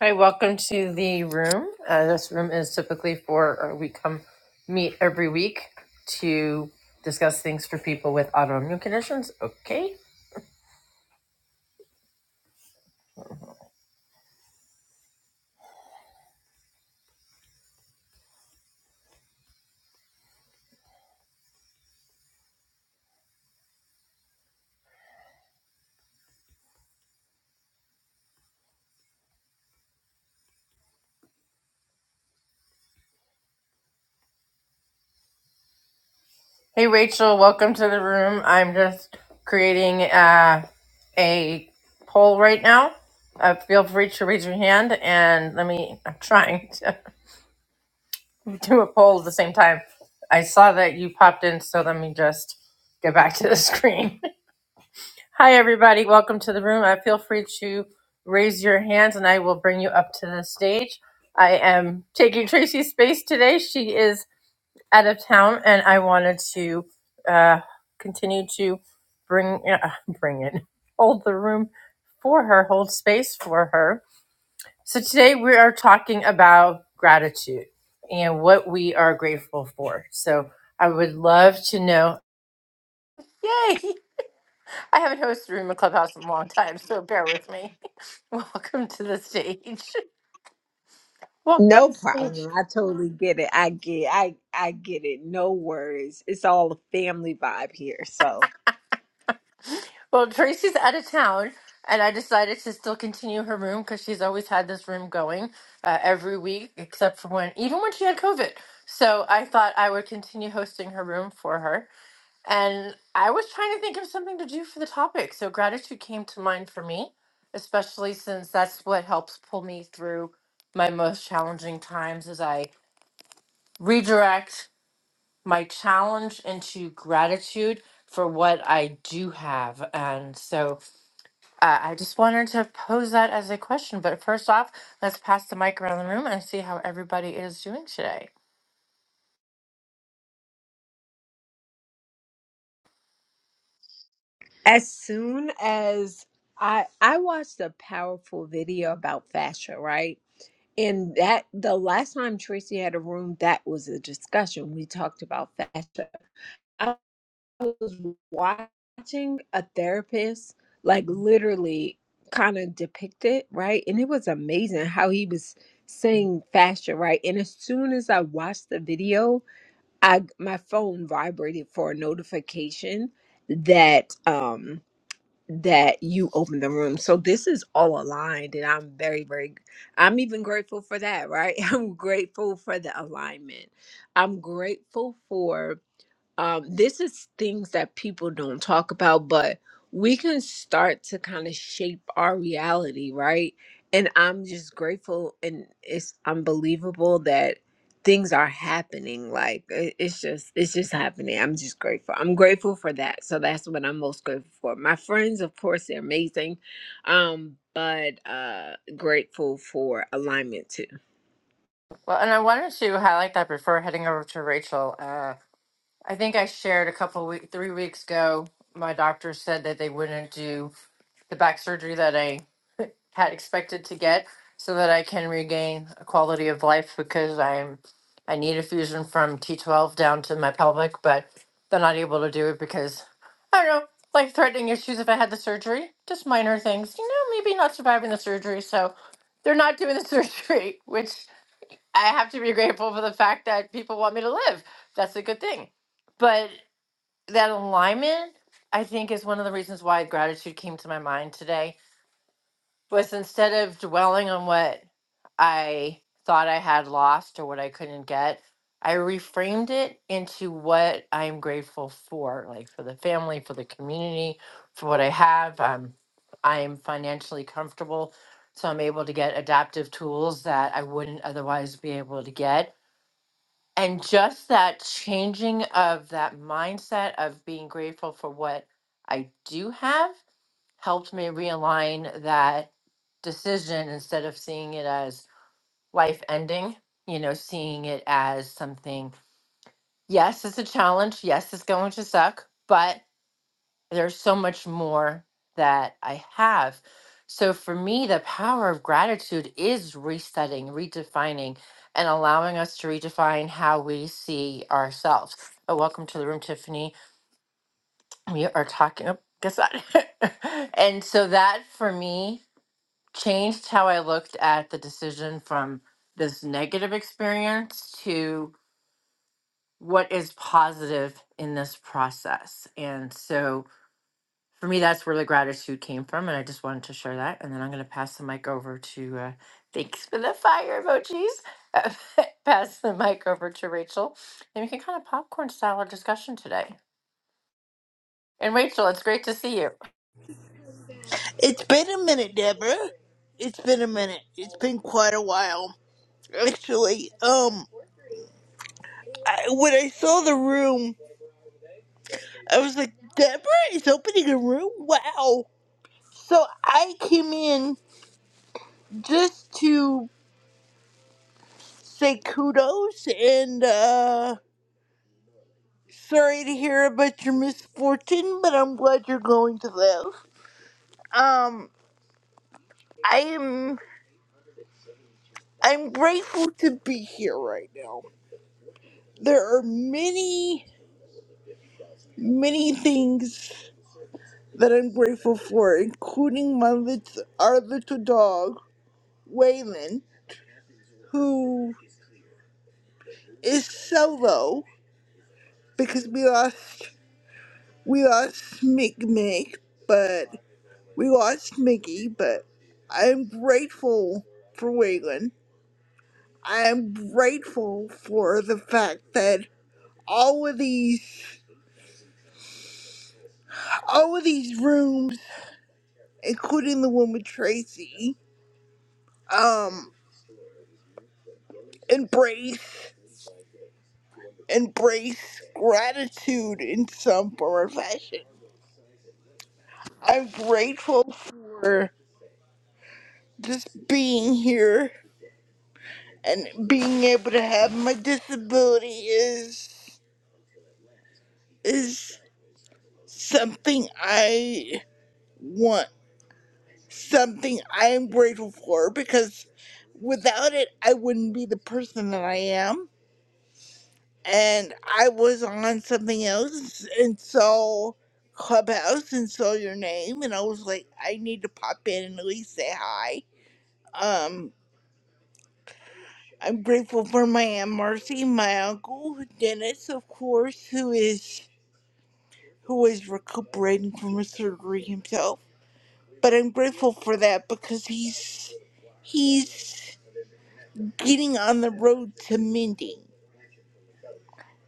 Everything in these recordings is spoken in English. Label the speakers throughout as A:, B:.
A: Hi, welcome to the room. Uh, this room is typically for, uh, we come meet every week to discuss things for people with autoimmune conditions. Okay. Hey, Rachel, welcome to the room. I'm just creating uh, a poll right now. Uh, feel free to raise your hand and let me, I'm trying to do a poll at the same time. I saw that you popped in, so let me just get back to the screen. Hi, everybody. Welcome to the room. I feel free to raise your hands and I will bring you up to the stage. I am taking Tracy's space today. She is out of town and I wanted to uh, continue to bring, uh, bring it, hold the room for her, hold space for her. So today we are talking about gratitude and what we are grateful for. So I would love to know. Yay! I haven't hosted a room in Clubhouse in a long time, so bear with me. Welcome to the stage. Welcome
B: No
A: to the stage.
B: problem. I totally get it. I get I I get it. No worries. It's all a family vibe here. So
A: Well, Tracy's out of town, and I decided to still continue her room because she's always had this room going uh, every week, except for when, even when she had COVID. So I thought I would continue hosting her room for her. And I was trying to think of something to do for the topic. So gratitude came to mind for me, especially since that's what helps pull me through my most challenging times as I redirect my challenge into gratitude for what I do have. And so uh, I just wanted to pose that as a question. But first off, let's pass the mic around the room and see how everybody is doing today.
B: as soon as I I watched a powerful video about fascia, right? And that the last time Tracy had a room, that was a discussion. We talked about fascia. was watching a therapist like literally kind of depict it, right? And it was amazing how he was saying fascia, right? And as soon as I watched the video, I my phone vibrated for a notification that um that you opened the room. So this is all aligned and I'm very very I'm even grateful for that, right? I'm grateful for the alignment. I'm grateful for um, this is things that people don't talk about, but we can start to kind of shape our reality, right? And I'm just grateful and it's unbelievable that things are happening. Like it- it's just, it's just happening. I'm just grateful. I'm grateful for that. So that's what I'm most grateful for. My friends, of course, they're amazing, um, but uh, grateful for alignment too.
A: Well, and I wanted to highlight that before heading over to Rachel. Uh, I think I shared a couple week, three weeks ago, my doctor said that they wouldn't do the back surgery that I had expected to get so that I can regain a quality of life because I'm I need a fusion from T12 down to my pelvic, but they're not able to do it because I don't know, life threatening issues if I had the surgery, just minor things, you know, maybe not surviving the surgery. So they're not doing the surgery, which I have to be grateful for the fact that people want me to live. That's a good thing. But that alignment, I think, is one of the reasons why gratitude came to my mind today was instead of dwelling on what I thought I had lost or what I couldn't get, I reframed it into what I'm grateful for, like for the family, for the community, for what I have. Um, I am financially comfortable, so I'm able to get adaptive tools that I wouldn't otherwise be able to get. And just that changing of that mindset of being grateful for what I do have helped me realign that decision instead of seeing it as life ending, you know, seeing it as something, yes, it's a challenge. Yes, it's going to suck, but there's so much more that I have. So for me, the power of gratitude is resetting, redefining, and allowing us to redefine how we see ourselves. Uh, welcome to the room, Tiffany. We are talking. oh, Guess what? and so that for me changed how I looked at the decision from this negative experience to what is positive in this process. And so for me, that's where the gratitude came from. And I just wanted to share that. And then I'm going to pass the mic over to, uh, thanks for the fire emojis. pass the mic over to Rachel. And we can kind of popcorn style our discussion today. And Rachel, it's great to see you.
C: It's been a minute, Deborah. It's been a minute. It's been quite a while. Actually, um, I, when I saw the room, I was like, Deborah is opening a room? Wow. So I came in just to say kudos and, uh, sorry to hear about your misfortune, but I'm glad you're going to live. Um, I am, I'm grateful to be here right now. There are many, many things that I'm grateful for, including my little, our little dog, Waylon, who is solo because we lost we lost Mick Mick, but we lost Mickey, but I'm grateful for Waylon. I am grateful for the fact that all of these all of these rooms, including the one with Tracy, um, embrace. embrace gratitude in some form or fashion. I'm grateful for just being here and being able to have my disability is is something I want, something I am grateful for because without it I wouldn't be the person that I am and I was on something else and saw Clubhouse and saw your name and I was like, I need to pop in and at least say hi. Um I'm grateful for my Aunt Marcy, my uncle Dennis, of course, who is who is recuperating from a surgery himself. But I'm grateful for that because he's he's getting on the road to mending.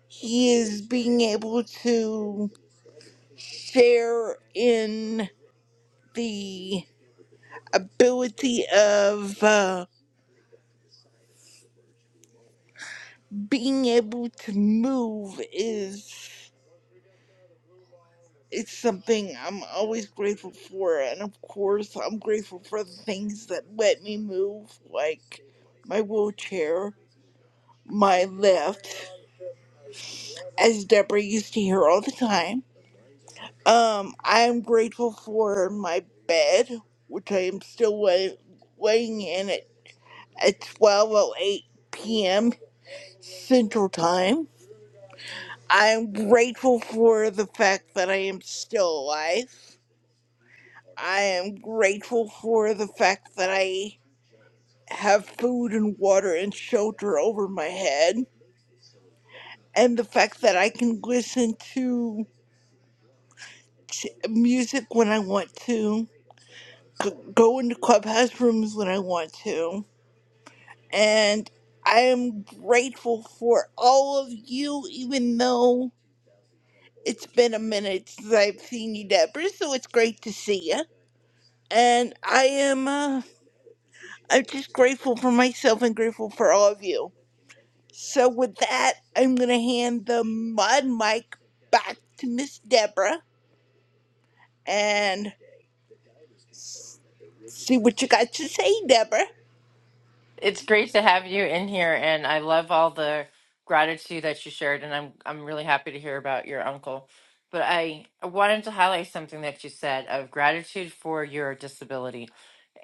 C: He is being able to share in the ability of uh, being able to move is it's something I'm always grateful for, and of course I'm grateful for the things that let me move, like my wheelchair, my lift, as Deborah used to hear all the time. Um, I am grateful for my bed, which I am still lay- laying in at at 12:08 p.m. Central Time. I'm grateful for the fact that I am still alive. I am grateful for the fact that I have food and water and shelter over my head, and the fact that I can listen to t- music when I want to, g- go into clubhouse rooms when I want to, and I am grateful for all of you, even though it's been a minute since I've seen you, Deborah, so it's great to see you. and I am uh, I'm just grateful for myself and grateful for all of you. So with that, I'm gonna hand the mod mic back to Miss Deborah and see what you got to say, Deborah.
A: It's great to have you in here, and I love all the gratitude that you shared, and I'm I'm really happy to hear about your uncle. But I wanted to highlight something that you said of gratitude for your disability,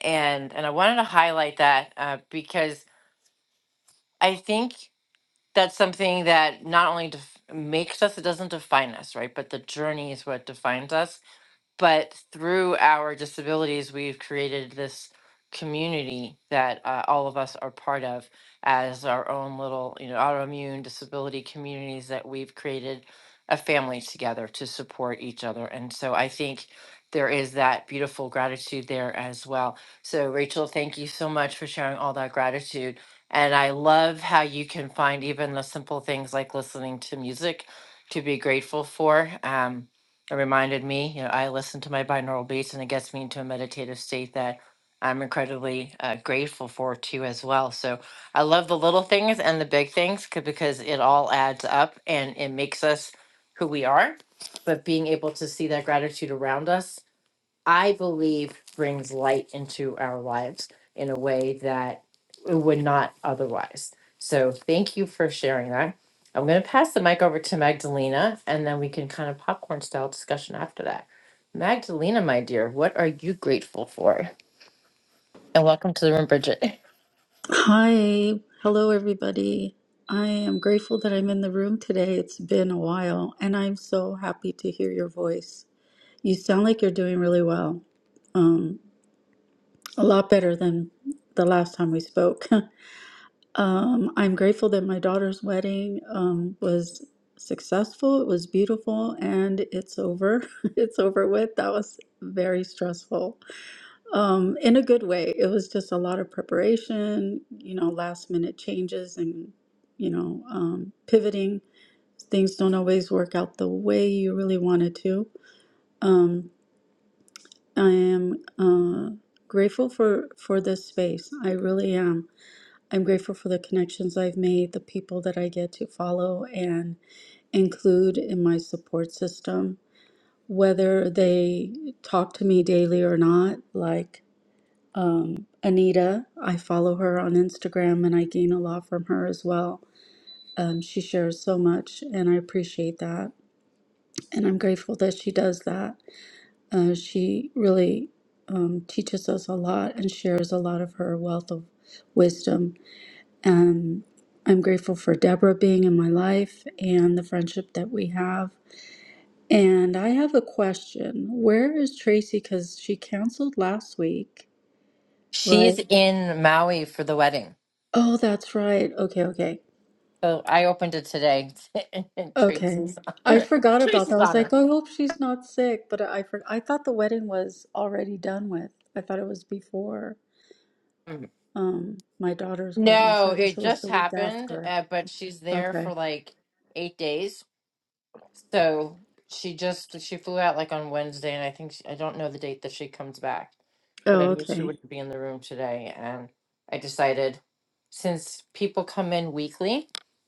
A: and and I wanted to highlight that uh, because I think that's something that not only def- makes us, it doesn't define us, right? But the journey is what defines us but through our disabilities, we've created this community that uh, all of us are part of as our own little, you know, autoimmune disability communities that we've created a family together to support each other. And so I think there is that beautiful gratitude there as well. So, Rachel, thank you so much for sharing all that gratitude. And I love how you can find even the simple things like listening to music to be grateful for. Um, it reminded me, you know, I listen to my binaural beats and it gets me into a meditative state that I'm incredibly uh, grateful for too as well. So I love the little things and the big things 'cause- because it all adds up and it makes us who we are. But being able to see that gratitude around us I believe brings light into our lives in a way that it would not otherwise. So thank you for sharing that. I'm going to pass the mic over to Magdalena and then we can kind of popcorn style discussion after that. Magdalena, my dear, what are you grateful for? And welcome to the room, Bridget.
D: Hi, hello everybody. I am grateful that I'm in the room today. It's been a while, and I'm so happy to hear your voice. You sound like you're doing really well, a lot better than the last time we spoke. um, I'm grateful that my daughter's wedding um, was successful, it was beautiful, and it's over. it's over with. That was very stressful. Um, in a good way. It was just a lot of preparation, you know, last minute changes and, you know, um, pivoting. Things don't always work out the way you really wanted to. Um, I am uh, grateful for for this space. I really am. I'm grateful for the connections I've made, the people that I get to follow and include in my support system, whether they talk to me daily or not. Like um, Anita. I follow her on Instagram and I gain a lot from her as well. Um, she shares so much and I appreciate that. And I'm grateful that she does that. Uh, she really um, teaches us a lot and shares a lot of her wealth of wisdom. And I'm grateful for Deborah being in my life and the friendship that we have. And I have a question. Where is Tracy? Because she canceled last week, right?
A: She's in Maui for the wedding.
D: Oh, that's right. Okay, okay.
A: So I opened it today in
D: Okay.
A: Tracy's,
D: I forgot about that.
A: Tracy's
D: I was like,
A: honor.
D: I hope she's not sick, but I for- I thought the wedding was already done with. I thought it was before um my daughter's wedding. So
A: No,
D: I guess
A: it
D: it was
A: just
D: the week
A: happened,
D: after.
A: uh, but she's there
D: Okay.
A: for like eight days. So she just she flew out like on Wednesday, and I think she, I don't know the date that she comes back, but I
D: Oh,
A: knew she
D: okay.
A: wouldn't be in the room today, and I decided since people come in weekly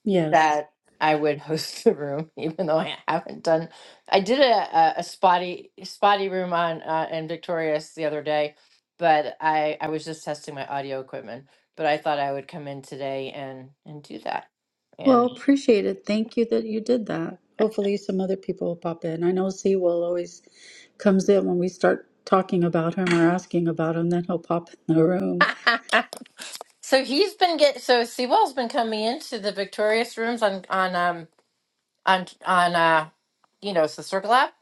D: Yes.
A: that I would host the room, even though I haven't done. I did a, a, a spotty spotty room on uh, in Victorious the other day, but I I was just testing my audio equipment. But I thought I would come in today and and do that.
D: Well,
A: And
D: appreciate it. Thank you that you did that. Hopefully some other people will pop in. I know C will always comes in when we start talking about him or asking about him, then he'll pop in the room.
A: so he's been get so Sewell's been coming into the Victorious rooms on on um on on uh you know it's the Circle app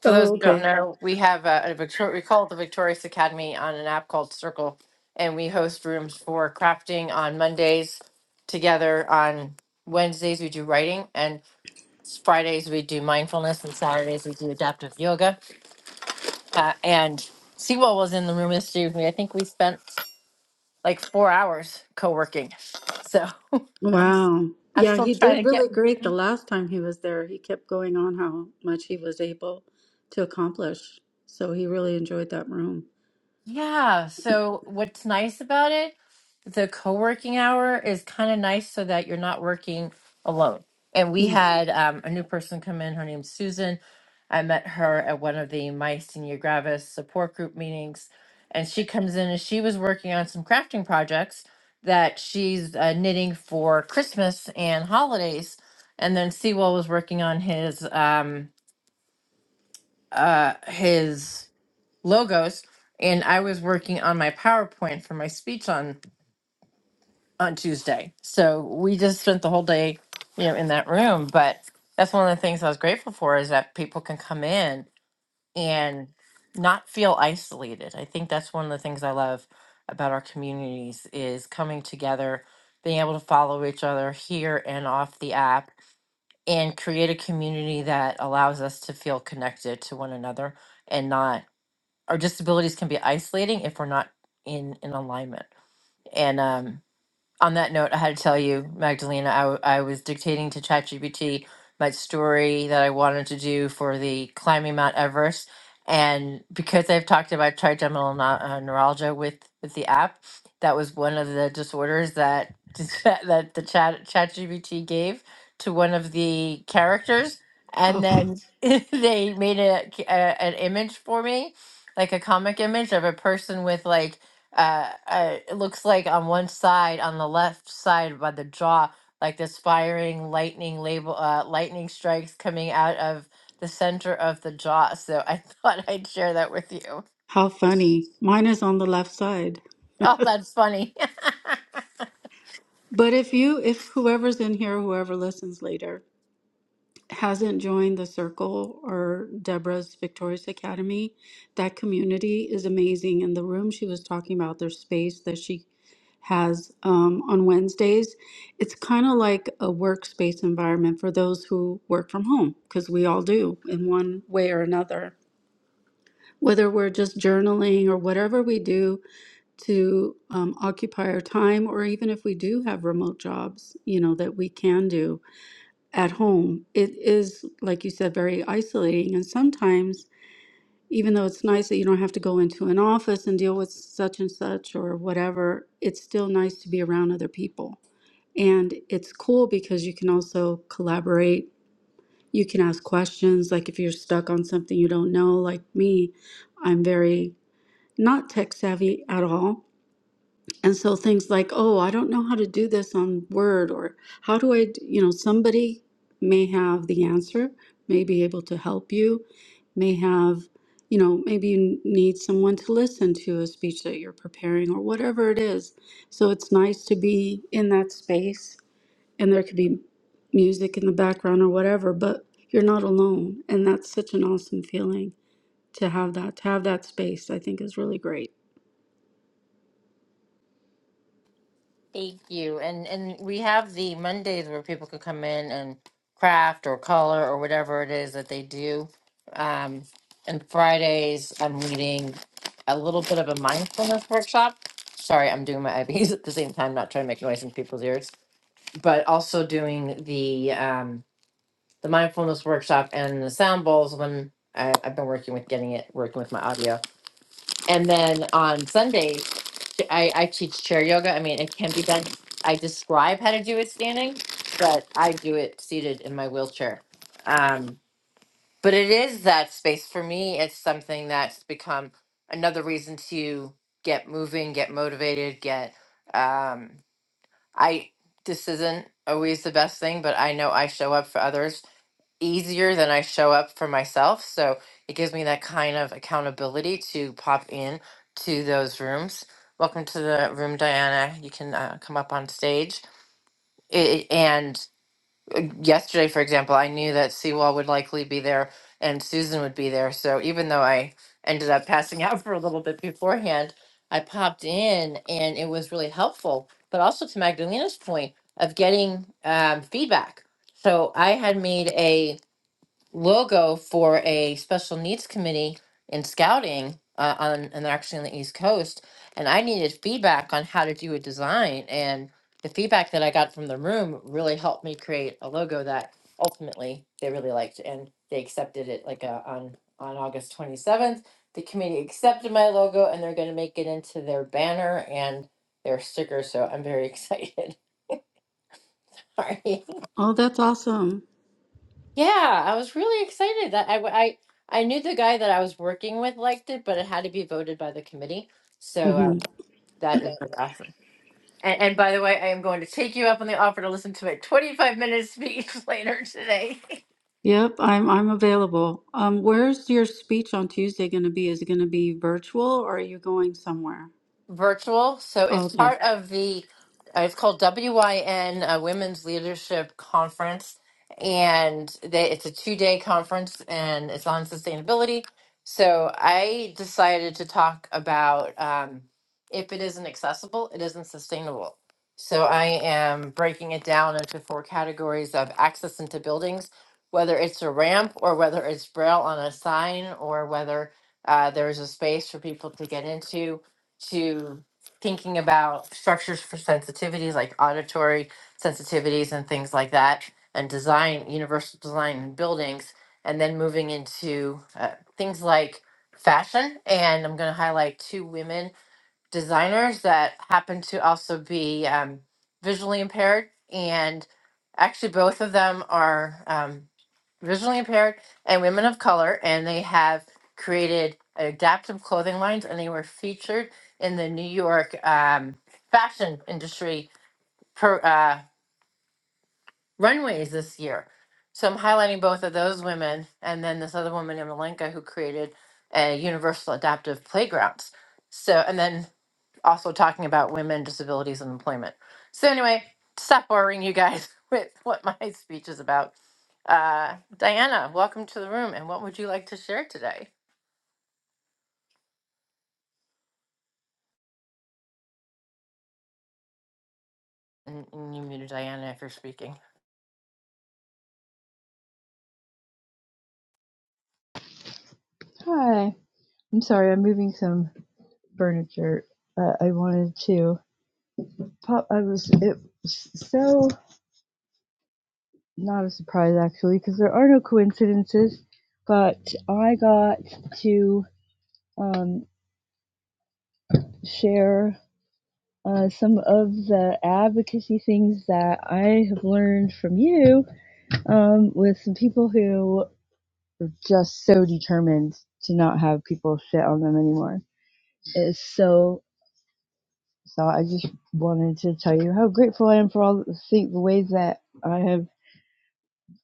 A: For those
D: Oh,
A: who don't
D: okay.
A: know, we have a, a Victoria, we call it the Victorious Academy on an app called Circle, and we host rooms for crafting on Mondays together. On Wednesdays, we do writing, and s- Fridays, we do mindfulness, and Saturdays, we do adaptive yoga. Uh, and Sewell was in the room this with me. I think we spent like four hours co working. So I'm, s-
D: Wow.
A: I'm
D: Yeah,
A: still
D: he did
A: trying to get
D: really great the last time he was there. He kept going on how much he was able to accomplish. So he really enjoyed that room.
A: Yeah. So what's nice about it, the co-working hour is kind of nice so that you're not working alone. And we
D: Mm.
A: had um, a new person come in. Her name's Susan. I met her at one of the My Senior Gravis support group meetings, and she comes in and she was working on some crafting projects that she's uh, knitting for Christmas and holidays. And then Sewell was working on his um, uh, his logos and I was working on my PowerPoint for my speech on on Tuesday. So we just spent the whole day, you know, in that room, but that's one of the things I was grateful for is that people can come in and not feel isolated. I think that's one of the things I love about our communities is coming together, being able to follow each other here and off the app and create a community that allows us to feel connected to one another and not our disabilities can be isolating if we're not in in alignment and um on that note, I had to tell you, Magdalena, I, w- I was dictating to ChatGPT my story that I wanted to do for the climbing Mount Everest. And because I've talked about trigeminal neu- uh, neuralgia with, with the app, that was one of the disorders that that the chat ChatGPT gave to one of the characters, and
D: Oh,
A: then they made a, a an image for me, like a comic image of a person with like uh, uh, it looks like on one side, on the left side by the jaw, like this firing lightning label, uh, lightning strikes coming out of the center of the jaw. So I thought I'd share that with you.
D: how funny. Mine is on the left side.
A: Oh, that's funny.
D: But if you, if whoever's in here, whoever listens later, hasn't joined the circle or Deborah's Victorious Academy, that community is amazing. And the room she was talking about, their space that she has um, on Wednesdays. It's kind of like a workspace environment for those who work from home, because we all do in one way or another. Whether we're just journaling or whatever we do to um, occupy our time, or even if we do have remote jobs, you know, that we can do at home, it is, like you said, very isolating. And sometimes even though it's nice that you don't have to go into an office and deal with such and such or whatever, it's still nice to be around other people. And it's cool because you can also collaborate. You can ask questions. Like if you're stuck on something you don't know, like me, I'm very not tech savvy at all and so things like, oh, I don't know how to do this on Word, or how do I, d-" you know, somebody may have the answer, may be able to help you, may have, you know, maybe you need someone to listen to a speech that you're preparing or whatever it is. So it's nice to be in that space and there could be music in the background or whatever, but you're not alone. And that's such an awesome feeling to have that, to have that space, I think is really great.
A: Thank you. And and we have the Mondays where people can come in and craft or color or whatever it is that they do. Um, and Fridays, I'm leading a little bit of a mindfulness workshop. Sorry, I'm doing my IVs at the same time, not trying to make noise in people's ears, but also doing the um, the mindfulness workshop and the sound bowls when I, I've been working with getting it working with my audio. And then on Sundays, I, I teach chair yoga. I mean, it can be done. I describe how to do it standing, but I do it seated in my wheelchair. Um, but it is that space for me. It's something that's become another reason to get moving, get motivated, get. Um, I this isn't always the best thing, but I know I show up for others easier than I show up for myself. So it gives me that kind of accountability to pop in to those rooms. Welcome to the room, Diana. You can uh, come up on stage. It, and yesterday, for example, I knew that Seawall would likely be there and Susan would be there. So even though I ended up passing out for a little bit beforehand, I popped in and it was really helpful. But also to Magdalena's point of getting um, feedback. So I had made a logo for a special needs committee in scouting uh, on and actually on the East Coast, and I needed feedback on how to do a design. And the feedback that I got from the room really helped me create a logo that ultimately they really liked, and they accepted it like uh on on August twenty seventh. The committee accepted my logo, and they're going to make it into their banner and their sticker. So I'm very excited. Sorry.
D: Oh, that's awesome.
A: Yeah, I was really excited that I, w- I I knew the guy that I was working with liked it, but it had to be voted by the committee. So
D: Mm-hmm.
A: um, that is really awesome. And, and by the way, I am going to take you up on the offer to listen to my 25 minute speech later today.
D: Yep, I'm I'm available. Um, where's your speech on Tuesday going to be? Is it going to be virtual or are you going somewhere?
A: virtual. So
D: Oh,
A: it's
D: okay.
A: part of the, uh, it's called WYN uh, Women's Leadership Conference. And they, it's a two day conference and it's on sustainability. So I decided to talk about um, if it isn't accessible, it isn't sustainable. So I am breaking it down into four categories of access into buildings, whether it's a ramp or whether it's braille on a sign or whether uh, there's a space for people to get into to thinking about structures for sensitivities like auditory sensitivities and things like that and design universal design in buildings and then moving into uh, things like fashion and i'm going to highlight two women designers that happen to also be um, visually impaired. And actually, both of them are um, visually impaired and women of color, and they have created adaptive clothing lines, and they were featured in the New York um, fashion industry per, uh, runways this year. So I'm highlighting both of those women, and then this other woman, Emmelinka, who created a universal adaptive playgrounds. So, and then also talking about women, disabilities, and employment. So anyway, stop boring you guys with what my speech is about. Uh, Diana, welcome to the room, and what would you like to share today? And, and you muted Diana if you're speaking.
E: Hi. I'm sorry, I'm moving some furniture. Uh, I wanted to pop. I was it was so not a surprise actually because there are no coincidences, but I got to um, share uh, some of the advocacy things that I have learned from you um, with some people who are just so determined to not have people shit on them anymore. It's so So I just wanted to tell you how grateful I am for all the, thi- the ways that I have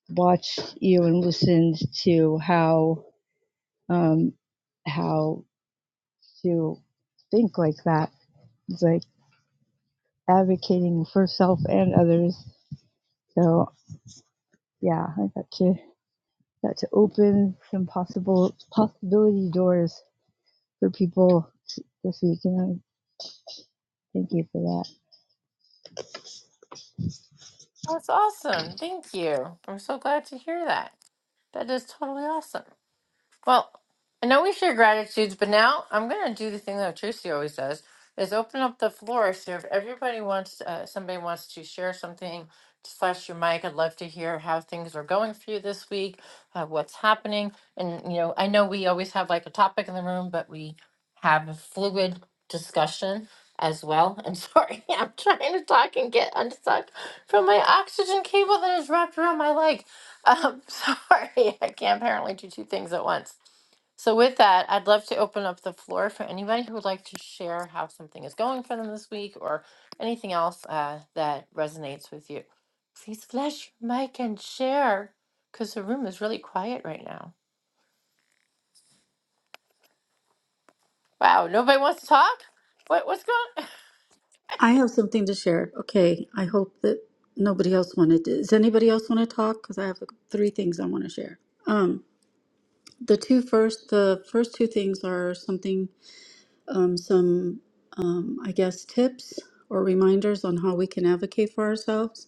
E: watched you and listened to how um, how to think like that. It's like advocating for self and others. So yeah, I got to got to open some possible possibility doors for people this week, and I thank you for that.
A: That's awesome. Thank you. I'm so glad to hear that. That is totally awesome. Well, I know we share gratitudes, but now I'm going to do the thing that Tracy always does: is open up the floor. So if everybody wants, uh, somebody wants to share something, just flash your mic. I'd love to hear how things are going for you this week, uh, what's happening, and you know, I know we always have like a topic in the room, but we have a fluid discussion as well. I'm sorry, I'm trying to talk and get unstuck from my oxygen cable that is wrapped around my leg. Um, sorry, I can't apparently do two things at once. So with that, I'd love to open up the floor for anybody who would like to share how something is going for them this week or anything else uh, that resonates with you. Please flash your mic and share because the room is really quiet right now. Wow, nobody wants to talk? What, what's going
D: I have something to share. Okay, I hope that nobody else wanted to. Does anybody else want to talk? Because I have three things I want to share. Um, the two first, the first two things are something, um, some, um, I guess, tips or reminders on how we can advocate for ourselves.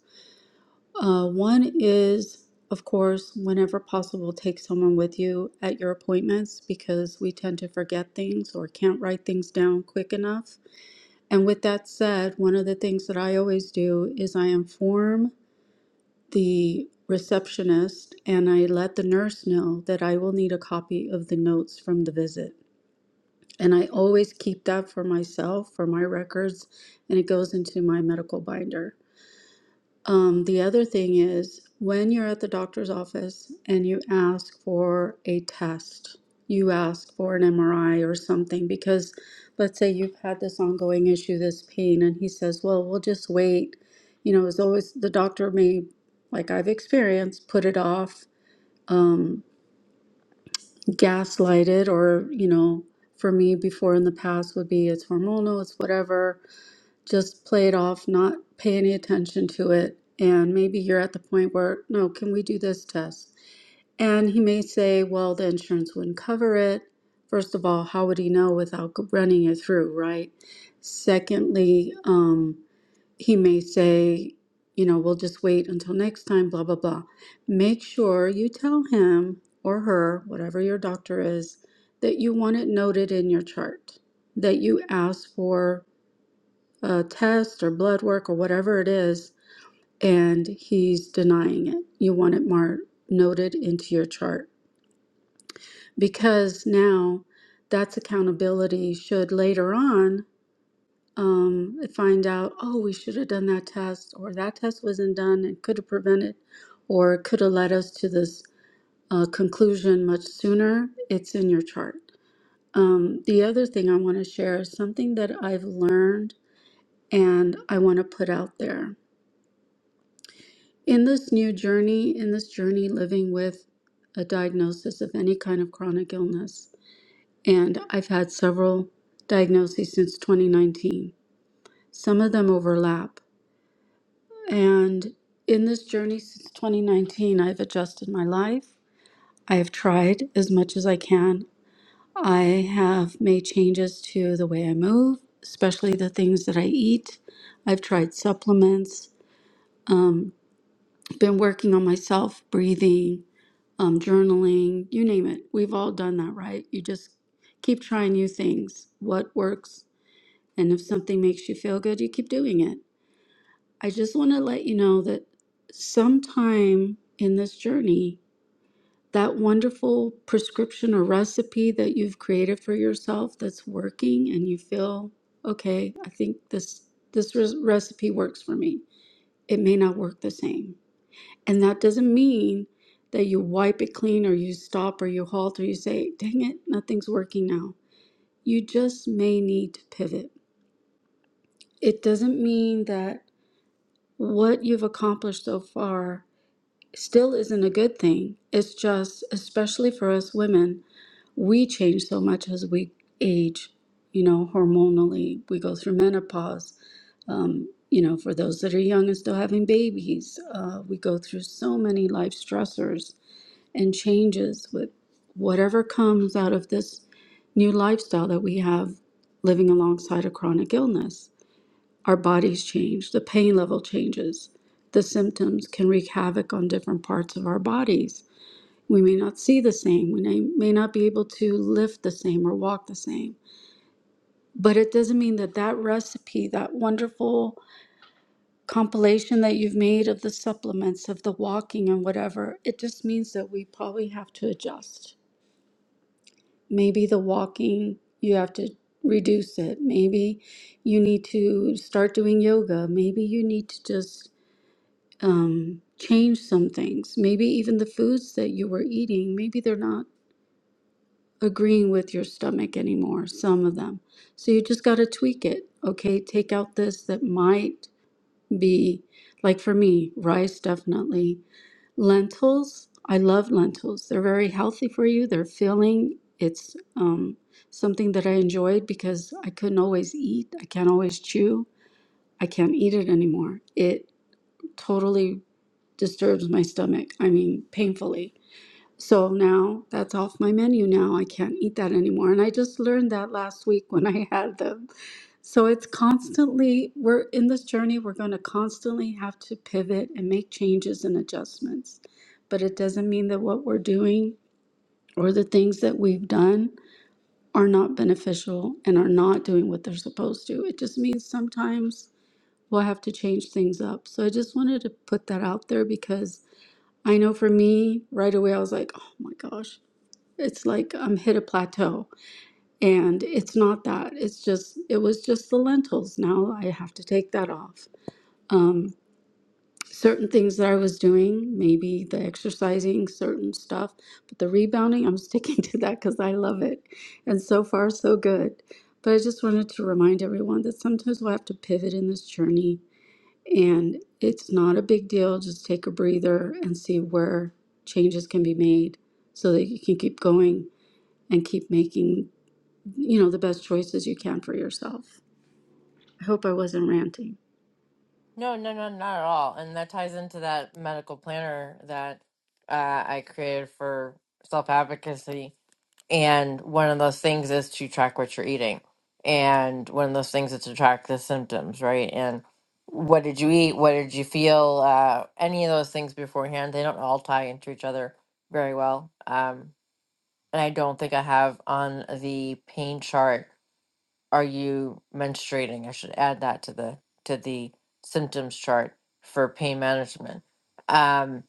D: Uh, one is, of course, whenever possible, take someone with you at your appointments because we tend to forget things or can't write things down quick enough. And with that said, one of the things that I always do is I inform the receptionist and I let the nurse know that I will need a copy of the notes from the visit. And I always keep that for myself, for my records, and it goes into my medical binder. Um, the other thing is when you're at the doctor's office and you ask for a test, you ask for an MRI or something because let's say you've had this ongoing issue, this pain, and he says, Well, we'll just wait. You know, as always, the doctor may, like I've experienced, put it off, um, gaslight it, or, you know, for me before in the past would be it's hormonal, it's whatever just play it off, not pay any attention to it. And maybe you're at the point where, no, can we do this test? And he may say, well, the insurance wouldn't cover it. First of all, how would he know without g- running it through, right? Secondly, um, he may say, you know, we'll just wait until next time, blah, blah, blah. Make sure you tell him or her, whatever your doctor is, that you want it noted in your chart, that you ask for a test or blood work or whatever it is, and he's denying it. You want it marked, noted into your chart because now that's accountability. Should later on um, find out, oh, we should have done that test, or that test wasn't done and could have prevented, or could have led us to this uh, conclusion much sooner, it's in your chart. Um, the other thing I want to share is something that I've learned and I want to put out there. In this new journey, in this journey living with a diagnosis of any kind of chronic illness, and I've had several diagnoses since 2019. Some of them overlap. And in this journey since 2019, I've adjusted my life. I have tried as much as I can. I have made changes to the way I move, especially the things that I eat. I've tried supplements, um, been working on myself, breathing, um, journaling, you name it. We've all done that, right? You just keep trying new things, what works. And if something makes you feel good, you keep doing it. I just want to let you know that sometime in this journey, that wonderful prescription or recipe that you've created for yourself that's working and you feel okay i think this this res- recipe works for me it may not work the same and that doesn't mean that you wipe it clean or you stop or you halt or you say, dang it, nothing's working now. You just may need to pivot. It doesn't mean that what you've accomplished so far still isn't a good thing. It's just, especially for us women, we change so much as we age, you know, hormonally. We go through menopause. Um, you know, for those that are young and still having babies, uh, we go through so many life stressors and changes with whatever comes out of this new lifestyle that we have living alongside a chronic illness. Our bodies change, the pain level changes, the symptoms can wreak havoc on different parts of our bodies. We may not see the same, we may may not be able to lift the same or walk the same. But it doesn't mean that that recipe, that wonderful compilation that you've made of the supplements, of the walking and whatever, it just means that we probably have to adjust Maybe the walking, you have to reduce it. Maybe you need to start doing yoga. Maybe you need to just um, change some things. Maybe even the foods that you were eating, maybe they're not agreeing with your stomach anymore, some of them. So you just got to tweak it. Okay, take out this that might be like for me, rice definitely. Lentils, I love lentils. They're very healthy for you. They're filling. It's um, something that I enjoyed because I couldn't always eat. I can't always chew. I can't eat it anymore. It totally disturbs my stomach. I mean, painfully. So now that's off my menu now. I can't eat that anymore. And I just learned that last week when I had them. So it's constantly, we're in this journey, we're going to constantly have to pivot and make changes and adjustments. But it doesn't mean that what we're doing or the things that we've done are not beneficial and are not doing what they're supposed to. It just means sometimes we'll have to change things up. So I just wanted to put that out there because I know for me, right away, I was like, oh my gosh it's like I'm hit a plateau. And it's not that. It's just, it was just the lentils. Now I have to take that off. Um, certain things that I was doing, maybe the exercising, certain stuff, but the rebounding, I'm sticking to that because I love it. And so far, so good. But I just wanted to remind everyone that sometimes we'll have to pivot in this journey. And it's not a big deal. Just take a breather and see where changes can be made so that you can keep going and keep making you know, the best choices you can for yourself. I hope I wasn't ranting.
A: No, no, no, not at all. And that ties into that medical planner that uh, I created for self advocacy And one of those things is to track what you're eating. And one of those things is to track the symptoms, right? And what did you eat? What did you feel? Uh, any of those things beforehand, they don't all tie into each other very well. Um, and I don't think I have on the pain chart, are you menstruating? I should add that to the to the symptoms chart for pain management. Um,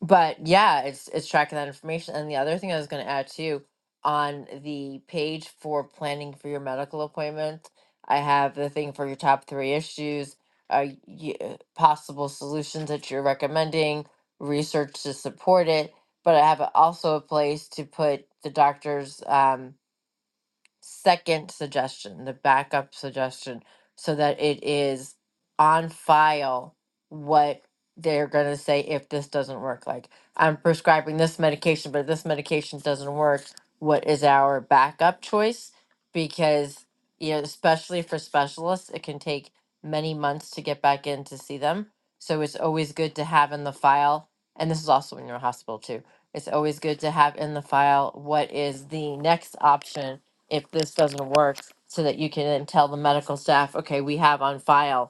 A: but yeah, it's it's tracking that information. And the other thing I was going to add too, on the page for planning for your medical appointment, I have the thing for your top three issues, uh, y- uh, possible solutions that you're recommending, research to support it. But I have a- also a place to put the doctor's um, second suggestion, the backup suggestion, so that it is on file what they're going to say if this doesn't work. Like, I'm prescribing this medication, but this medication doesn't work. What is our backup choice? Because, you know, especially for specialists, it can take many months to get back in to see them. So it's always good to have in the file, and this is also when you're in hospital too. It's always good to have in the file what is the next option if this doesn't work so that you can then tell the medical staff, okay, we have on file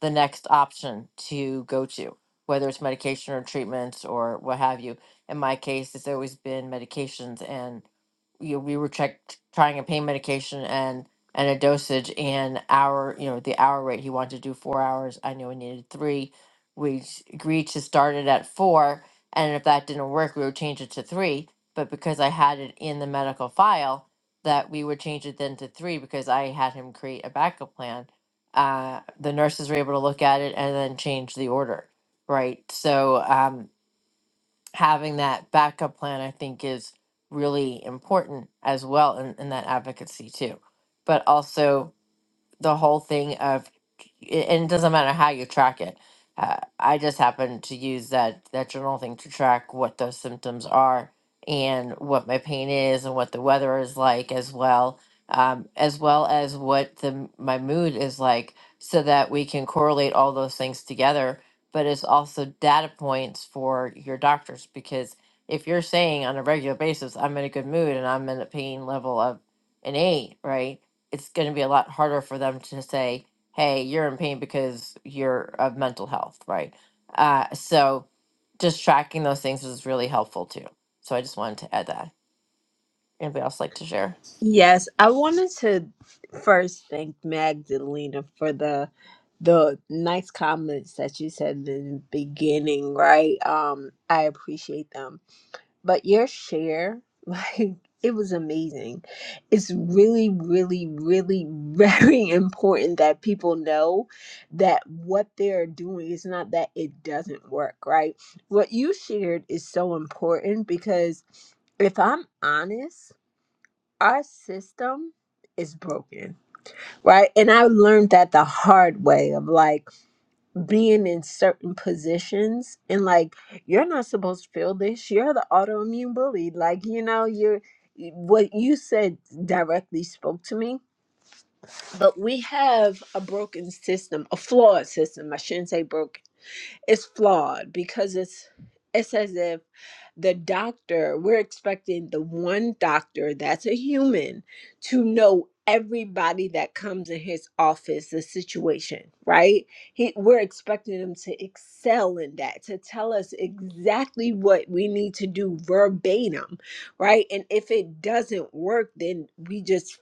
A: the next option to go to, whether it's medication or treatments or what have you. In my case, it's always been medications, and you know, we were checked trying a pain medication and and a dosage and hour, you know, the hour rate he wanted to do four hours. I knew I needed three. We s- agreed to start it at four, and if that didn't work, we would change it to three. But because I had it in the medical file, that we would change it then to three because I had him create a backup plan uh, the nurses were able to look at it and then change the order, right? So um, having that backup plan, I think, is really important as well in, in that advocacy too. But also, the whole thing of and it doesn't matter how you track it uh, i just happen to use that that journal thing to track what those symptoms are and what my pain is and what the weather is like as well um, as well as what the my mood is like so that we can correlate all those things together but it's also data points for your doctors because if you're saying on a regular basis i'm in a good mood and i'm in a pain level of an eight right it's going to be a lot harder for them to say, "Hey, you're in pain because you're of mental health," right? Uh, so, just tracking those things is really helpful too. So, I just wanted to add that. Anybody else like to share?
B: Yes, I wanted to first thank Magdalena for the the nice comments that you said in the beginning, right? Um, I appreciate them. But your share, like it was amazing. It's really, really, really very important that people know that what they're doing is not that it doesn't work, right? What you shared is so important because if I'm honest, our system is broken, right? And I learned that the hard way of like being in certain positions and like you're not supposed to feel this. You're the autoimmune bully. Like, you know, you're what you said directly spoke to me. But we have a broken system, a flawed system. I shouldn't say broken it's flawed because it's it's as if the doctor we're expecting the one doctor that's a human to know everybody that comes in his office the situation right he we're expecting him to excel in that to tell us exactly what we need to do verbatim right and if it doesn't work then we just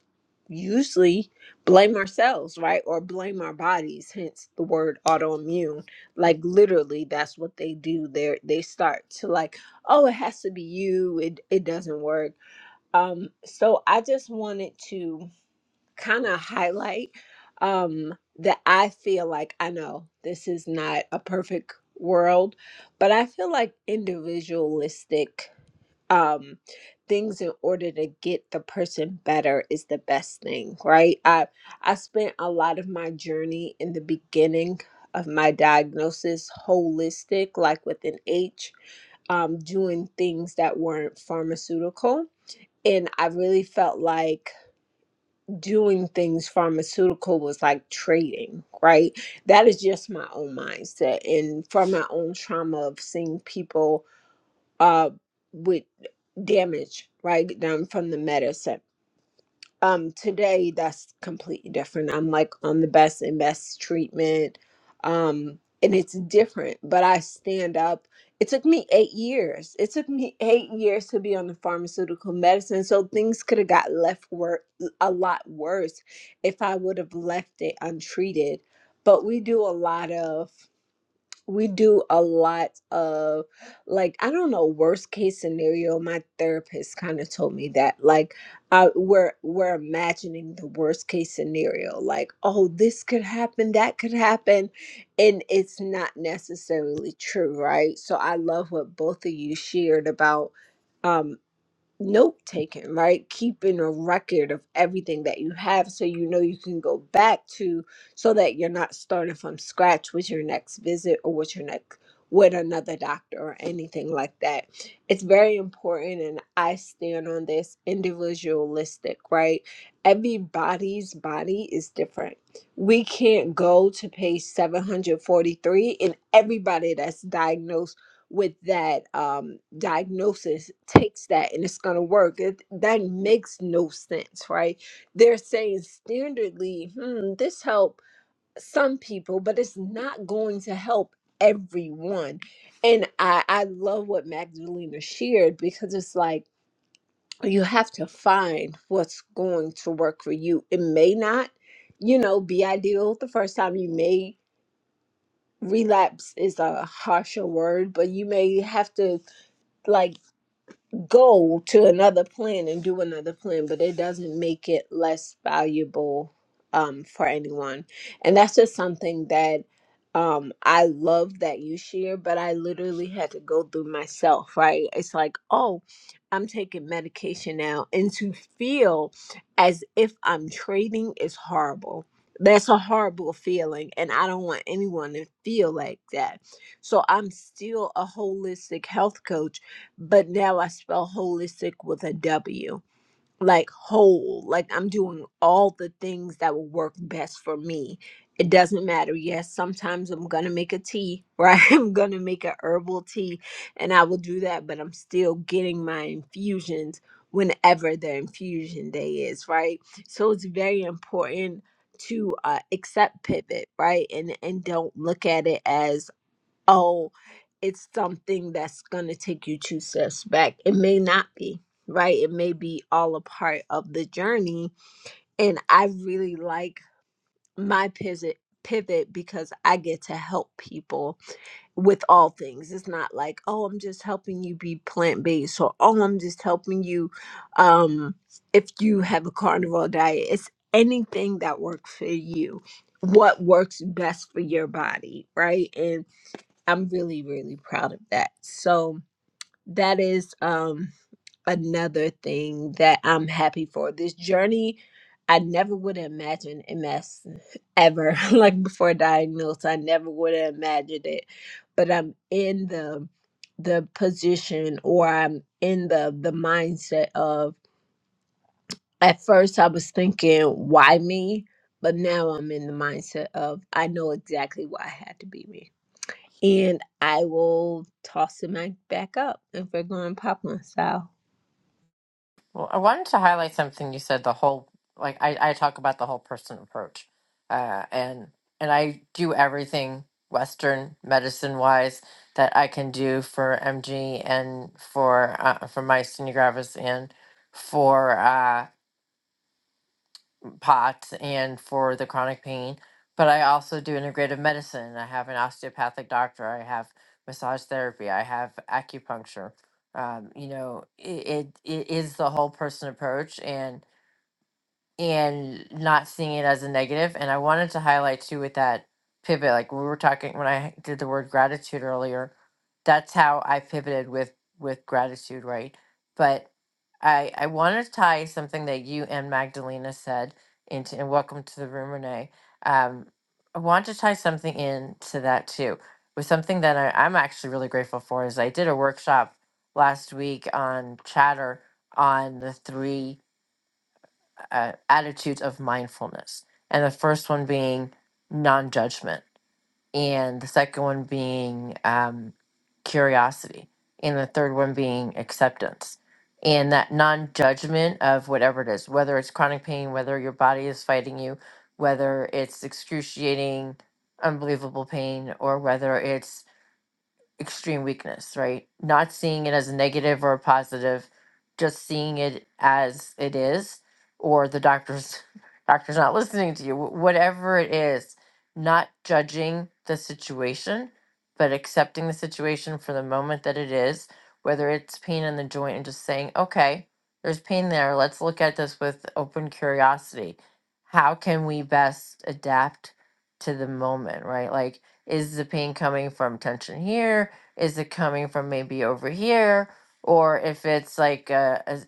B: usually blame ourselves right or blame our bodies hence the word autoimmune like literally that's what they do they they start to like oh it has to be you it it doesn't work um so i just wanted to kind of highlight um that i feel like i know this is not a perfect world but i feel like individualistic um things in order to get the person better is the best thing right i i spent a lot of my journey in the beginning of my diagnosis holistic like with an h um doing things that weren't pharmaceutical and i really felt like doing things pharmaceutical was like trading right that is just my own mindset and from my own trauma of seeing people uh with damage right done from the medicine um today that's completely different i'm like on the best and best treatment um and it's different but i stand up it took me eight years it took me eight years to be on the pharmaceutical medicine so things could have got left wor- a lot worse if i would have left it untreated but we do a lot of we do a lot of like i don't know worst case scenario my therapist kind of told me that like uh, we're we're imagining the worst case scenario like oh this could happen that could happen and it's not necessarily true right so i love what both of you shared about um, note taking, right? Keeping a record of everything that you have so you know you can go back to so that you're not starting from scratch with your next visit or with your next with another doctor or anything like that. It's very important and I stand on this individualistic, right? Everybody's body is different. We can't go to page 743 and everybody that's diagnosed with that um, diagnosis takes that and it's going to work. It, that makes no sense, right? They're saying standardly, hmm, this help some people, but it's not going to help everyone. And I, I love what Magdalena shared because it's like you have to find what's going to work for you. It may not, you know, be ideal the first time. You may relapse is a harsher word, but you may have to like. go to another plan and do another plan, but it doesn't make it less valuable um, for anyone. And that's just something that um, I love that you share, but I literally had to go through myself, right? It's like, oh, I'm taking medication now. And to feel as if I'm trading is horrible. That's a horrible feeling. And I don't want anyone to feel like that. So I'm still a holistic health coach but now I spell holistic with a W. Like whole, like I'm doing all the things that will work best for me. It doesn't matter. Yes, sometimes I'm gonna make a tea, right? I'm gonna make a herbal tea and I will do that, but I'm still getting my infusions whenever their infusion day is, right? So it's very important to uh, accept pivot, right? And and don't look at it as oh, it's something that's going to take you two steps back. It may not be, right? It may be all a part of the journey. And I really like my pivot pivot because I get to help people with all things. It's not like, oh, I'm just helping you be plant-based or oh, I'm just helping you um if you have a carnivore diet. It's anything that works for you. What works best for your body, right? And I'm really, really proud of that. So that is um another thing that I'm happy for. This journey I never would have imagined MS ever. like before diagnosed, I never would have imagined it. But I'm in the the position or I'm in the the mindset of at first I was thinking, why me? But now I'm in the mindset of I know exactly why I had to be me and I will toss it mic back up if we're going popcorn style.
A: Well, I wanted to highlight something you said. The whole like I, I talk about the whole person approach, uh, and and I do everything Western medicine wise that I can do for MG and for uh, for myasthenia gravis and for. Uh, um, POTS and for the chronic pain, but I also do integrative medicine. I have an osteopathic doctor. I have massage therapy. I have acupuncture. Um, you know, it, it, it is the whole person approach. And and not seeing it as a negative. And I wanted to highlight too with that pivot, like we were talking when I did the word gratitude earlier, that's how I pivoted with with gratitude, right? But I I want to tie something that you and Magdalena said into and welcome to the room, Renee. Um, I want to tie something into that too with something that I, I'm actually really grateful for is I did a workshop last week on chatter on the three uh, attitudes of mindfulness. And the first one being non judgment, and the second one being um, curiosity, and the third one being acceptance. And that non judgment of whatever it is, whether it's chronic pain, whether your body is fighting you, whether it's excruciating, unbelievable pain, or whether it's extreme weakness, right? Not seeing it as a negative or a positive, just seeing it as it is, or the doctor's doctor's not listening to you, wh- whatever it is, not judging the situation, but accepting the situation for the moment that it is, whether it's pain in the joint and just saying, okay, there's pain there. Let's look at this with open curiosity. How can we best adapt to the moment, right? Like, is the pain coming from tension here? is it coming from maybe over here or if it's like uh a,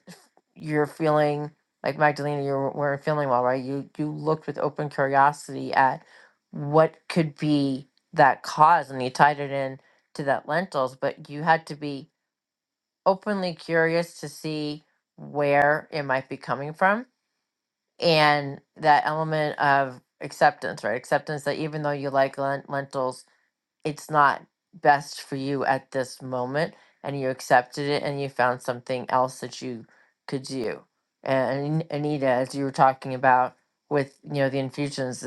A: you're feeling like magdalena you were- weren't feeling well right you you looked with open curiosity at what could be that cause and you tied it in to that lentils but you had to be openly curious to see where it might be coming from and that element of acceptance right acceptance that even though you like len- lentils it's not best for you at this moment and you accepted it and you found something else that you could do and anita as you were talking about with you know the infusions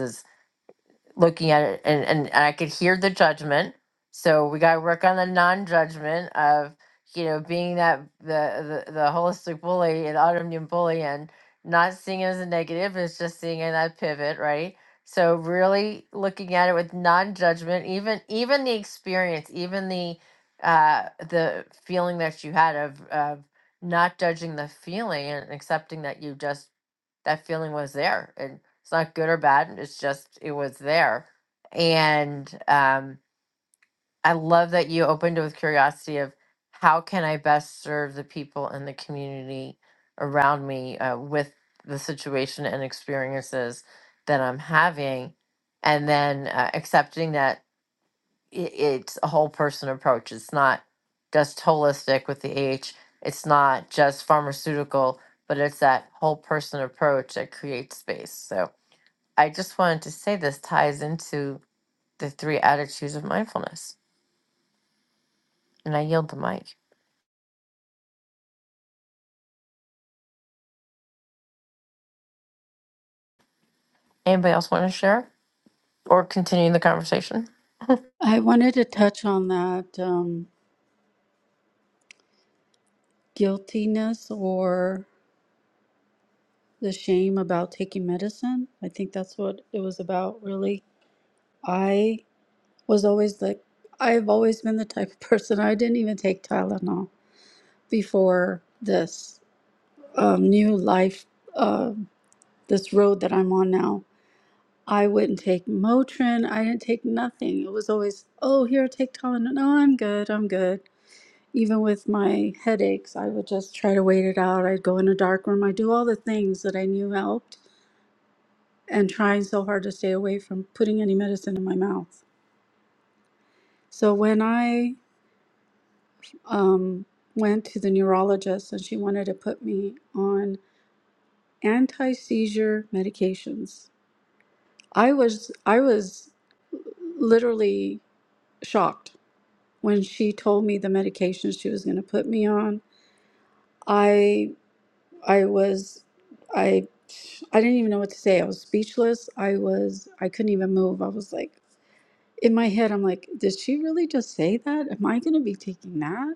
A: looking at it and, and, and I could hear the judgment. So we gotta work on the non-judgment of, you know, being that the the, the holistic bully and autoimmune bully and not seeing it as a negative, it's just seeing it in that pivot, right? So really looking at it with non-judgment, even even the experience, even the uh the feeling that you had of of not judging the feeling and accepting that you just that feeling was there and it's not good or bad it's just it was there and um i love that you opened it with curiosity of how can i best serve the people in the community around me uh, with the situation and experiences that i'm having and then uh, accepting that it, it's a whole person approach. It's not just holistic with the H. It's not just pharmaceutical, but it's that whole person approach that creates space. So I just wanted to say this ties into the three attitudes of mindfulness, and I yield the mic. Anybody else want to share or continue the conversation?
D: I wanted to touch on that um, guiltiness or the shame about taking medicine. I think that's what it was about, really. I was always like, I've always been the type of person, I didn't even take Tylenol before this um, new life, uh, this road that I'm on now. I wouldn't take Motrin. I didn't take nothing. It was always, oh, here, take Tylenol. No, I'm good. I'm good Even with my headaches, I would just try to wait it out. I'd go in a dark room. I'd do all the things that I knew helped and trying so hard to stay away from putting any medicine in my mouth. So when I um, went to the neurologist and she wanted to put me on anti-seizure medications, I was I was literally shocked when she told me the medications she was going to put me on. I I was I I didn't even know what to say. I was speechless. I was I couldn't even move. I was like in my head I'm like, did she really just say that? Am I going to be taking that?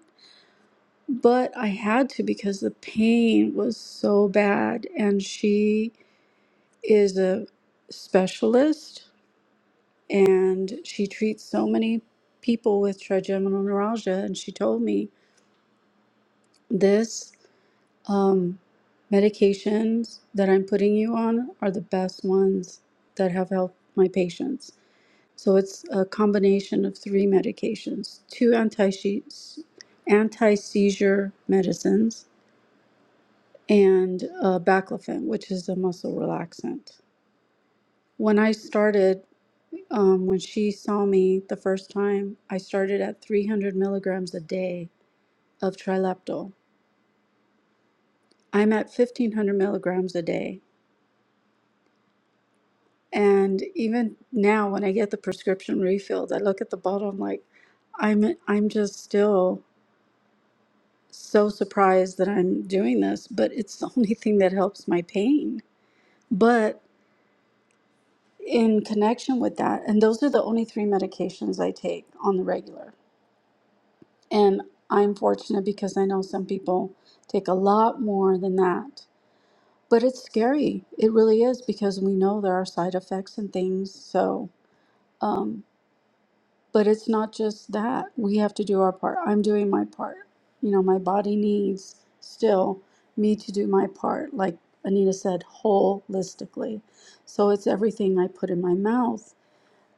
D: But I had to because the pain was so bad and she is a specialist and she treats so many people with trigeminal neuralgia and she told me this Um, medications that I'm putting you on are the best ones that have helped my patients. So it's a combination of three medications, two anti anti seizure medicines, and uh, baclofen, which is a muscle relaxant. When I started, um, when she saw me the first time, I started at 300 milligrams a day of Trilaptol. I'm at 1500 milligrams a day. And even now, when I get the prescription refilled, I look at the bottle. I'm like, I'm I'm just still so surprised that I'm doing this, but it's the only thing that helps my pain. But in connection with that, and those are the only three medications I take on the regular. And I'm fortunate because I know some people take a lot more than that. But it's scary. It really is because we know there are side effects and things. So um, But it's not just that. We have to do our part. I'm doing my part. You know, my body needs still me to do my part, like Anita said, holistically. So it's everything I put in my mouth,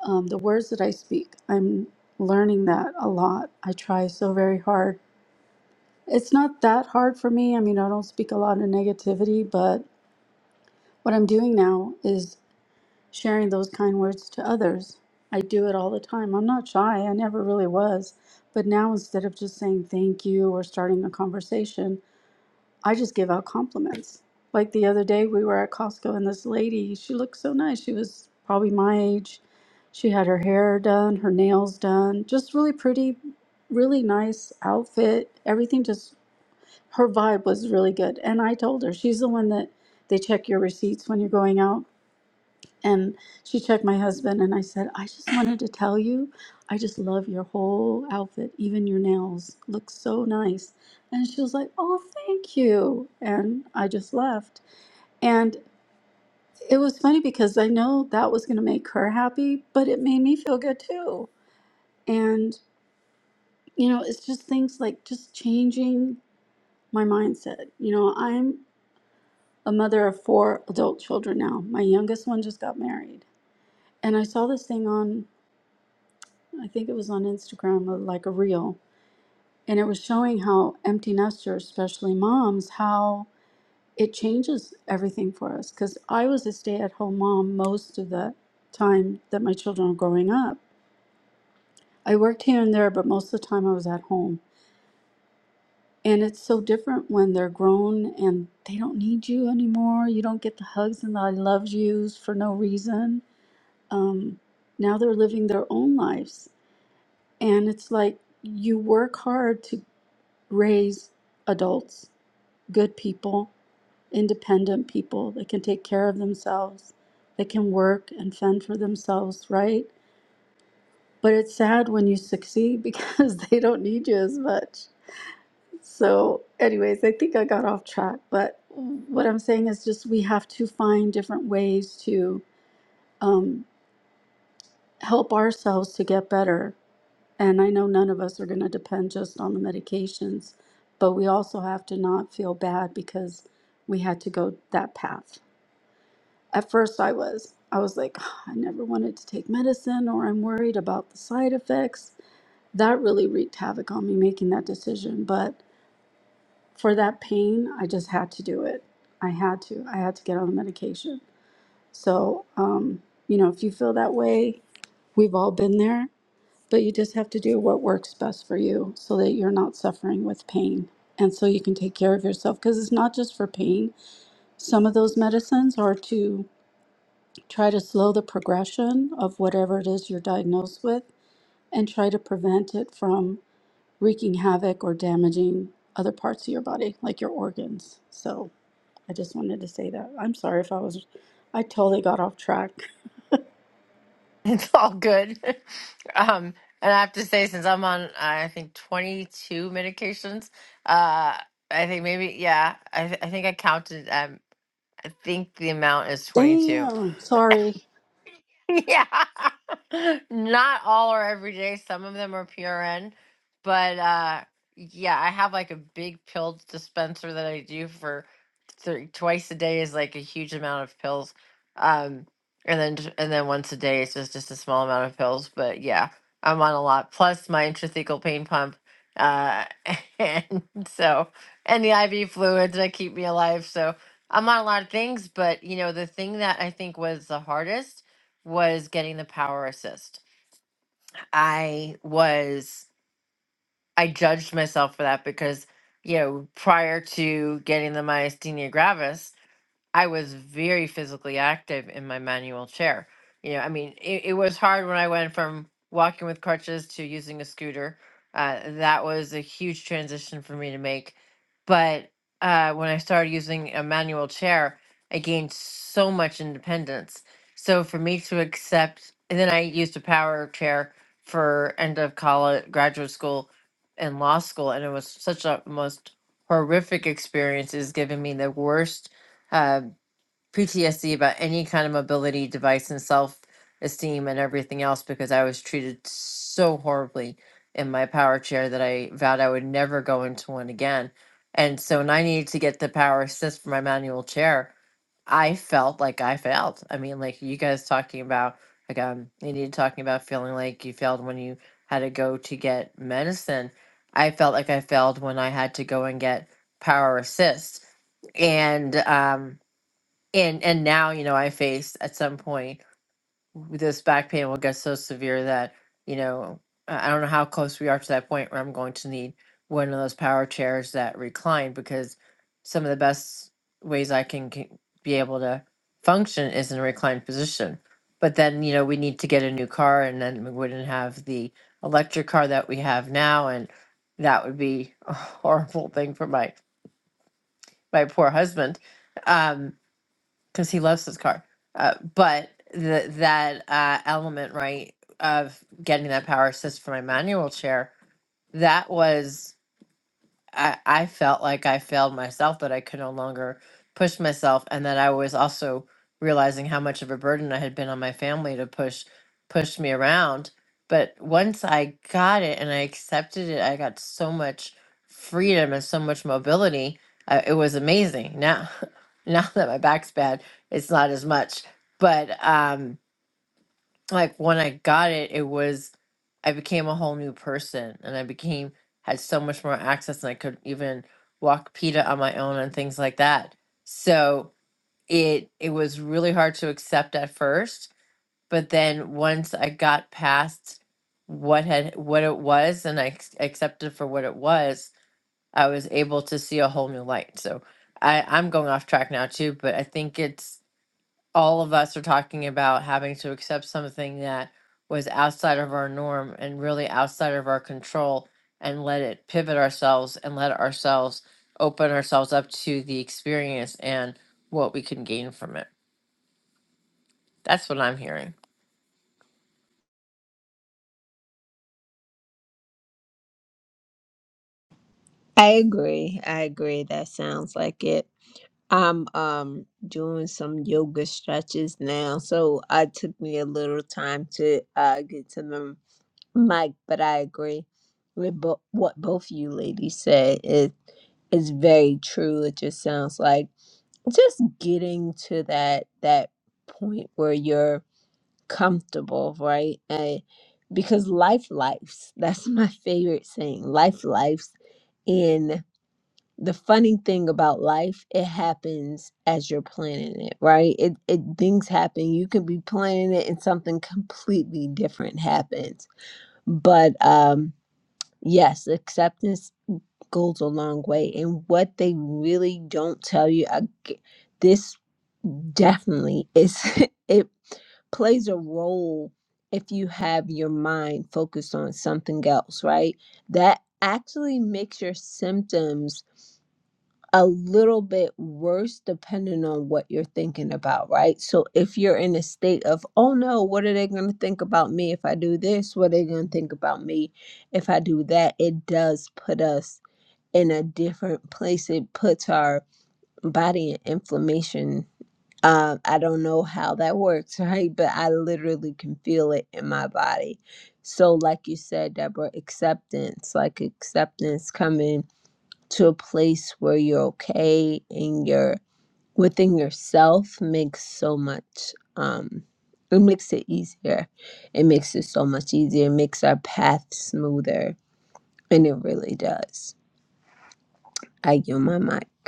D: um, the words that I speak. I'm learning that a lot. I try so very hard. It's not that hard for me. I mean, I don't speak a lot of negativity, but what I'm doing now is sharing those kind words to others. I do it all the time. I'm not shy, I never really was. But now, instead of just saying thank you or starting a conversation, I just give out compliments. Like the other day, we were at Costco, and this lady, she looked so nice. She was probably my age. She had her hair done, her nails done, just really pretty, really nice outfit. Everything just, her vibe was really good. And I told her, she's the one that they check your receipts when you're going out and she checked my husband, and I said, I just wanted to tell you, I just love your whole outfit, even your nails look so nice. And she was like, Oh, thank you. And I just left. And it was funny because I know that was going to make her happy, but it made me feel good too. And, you know, it's just things like just changing my mindset. You know, I'm a mother of four adult children now. My youngest one just got married. And I saw this thing on I think it was on Instagram, uh, like a reel, and it was showing how empty nesters, especially moms, how it changes everything for us. Because I was a stay at home mom most of the time that my children were growing up. I worked here and there, but most of the time I was at home. And it's so different when they're grown and they don't need you anymore. You don't get the hugs and the I love yous for no reason. Um, now they're living their own lives. And it's like you work hard to raise adults, good people, independent people that can take care of themselves, that can work and fend for themselves, right? But it's sad when you succeed because they don't need you as much. So, anyways, I think I got off track, but what I'm saying is just we have to find different ways to um, help ourselves to get better And I know none of us are going to depend just on the medications, but we also have to not feel bad because we had to go that path. At first, I was. I was like, "Ah, I never wanted to take medicine, or I'm worried about the side effects. That really wreaked havoc on me making that decision. But for that pain, I just had to do it. I had to. I had to get on the medication. So, um, you know, if you feel that way, we've all been there but you just have to do what works best for you so that you're not suffering with pain and so you can take care of yourself because it's not just for pain. Some of those medicines are to try to slow the progression of whatever it is you're diagnosed with and try to prevent it from wreaking havoc or damaging other parts of your body, like your organs. So I just wanted to say that. I'm sorry if I was, I totally got off track.
A: It's all good. um, and I have to say, since I'm on, I think 22 medications, uh, I think maybe yeah. I th- I think I counted. think the amount is 22.
D: Damn, sorry.
A: Yeah. Not all are every day. Some of them are PRN. But uh yeah, I have like a big pill dispenser that I do for three, twice a day is like a huge amount of pills. Um and then j- and then once a day it's just just a small amount of pills, but yeah, I'm on a lot plus my intrathecal pain pump. Uh and so and the IV fluids that keep me alive. So I'm on a lot of things, but you know, the thing that I think was the hardest was getting the power assist. I was I judged myself for that because you know prior to getting the myasthenia gravis, I was very physically active in my manual chair. You know, I mean, it, it was hard when I went from walking with crutches to using a scooter. Uh, that was a huge transition for me to make. But uh, when I started using a manual chair, I gained so much independence. So for me to accept, and then I used a power chair for end of college, graduate school, and law school, and it was such a most horrific experience. Is giving me the worst uh, PTSD about any kind of mobility device and self esteem and everything else because I was treated so horribly in my power chair that I vowed I would never go into one again. And so when I needed to get the power assist for my manual chair, I felt like I failed. I mean, like you guys talking about, like um, you need talking about feeling like you failed when you had to go to get medicine. I felt like I failed when I had to go and get power assist. And um, and and now you know i faced at some point this back pain will get so severe that you know i I don't know how close we are to that point where i'm going to need one of those power chairs that recline because some of the best ways i can c- be able to function is in a reclined position but then you know we need to get a new car and then we wouldn't have the electric car that we have now and that would be a horrible thing for my my poor husband Um, because he loves his car. Uh, but the, that uh, element, right, of getting that power assist for my manual chair, that was. I, I felt like I failed myself, that I could no longer push myself, and that I was also realizing how much of a burden I had been on my family to push push me around. But once I got it and I accepted it, I got so much freedom and so much mobility. Uh, it was amazing. Now, now that my back's bad, it's not as much. But um, like when I got it, it was I became a whole new person and I became had so much more access and I could even walk PETA on my own and things like that. So it it was really hard to accept at first, but then once I got past what had what it was and I ex- accepted for what it was, I was able to see a whole new light. So I, I'm going off track now too, but I think it's all of us are talking about having to accept something that was outside of our norm and really outside of our control and let it pivot ourselves and let ourselves open ourselves up to the experience and what we can gain from it. That's what I'm hearing.
B: I agree. I agree. That sounds like it. I'm um doing some yoga stretches now, so it took me a little time to uh get to the mic, but I agree with bo- what both you ladies said. It is very true. It just sounds like just getting to that that point where you're comfortable, right? And because life lives. That's my favorite saying. Life lives. And the funny thing about life, it happens as you're planning it, right? It, it things happen. You could be planning it and something completely different happens. But um yes, acceptance goes a long way. And what they really don't tell you, I, g- this Definitely. It's it plays a role if you have your mind focused on something else, right? That actually makes your symptoms a little bit worse depending on what you're thinking about, right? So if you're in a state of, oh no, what are they going to think about me if I do this? What are they going to think about me if I do that? It does put us in a different place. It puts our body in inflammation um, I don't know how that works, right? But I literally can feel it in my body. So, like you said, Deborah, acceptance, like acceptance coming to a place where you're okay and you're within yourself makes so much, um, it makes it easier. It makes it so much easier. It makes our path smoother. And it really does. I yield my mic.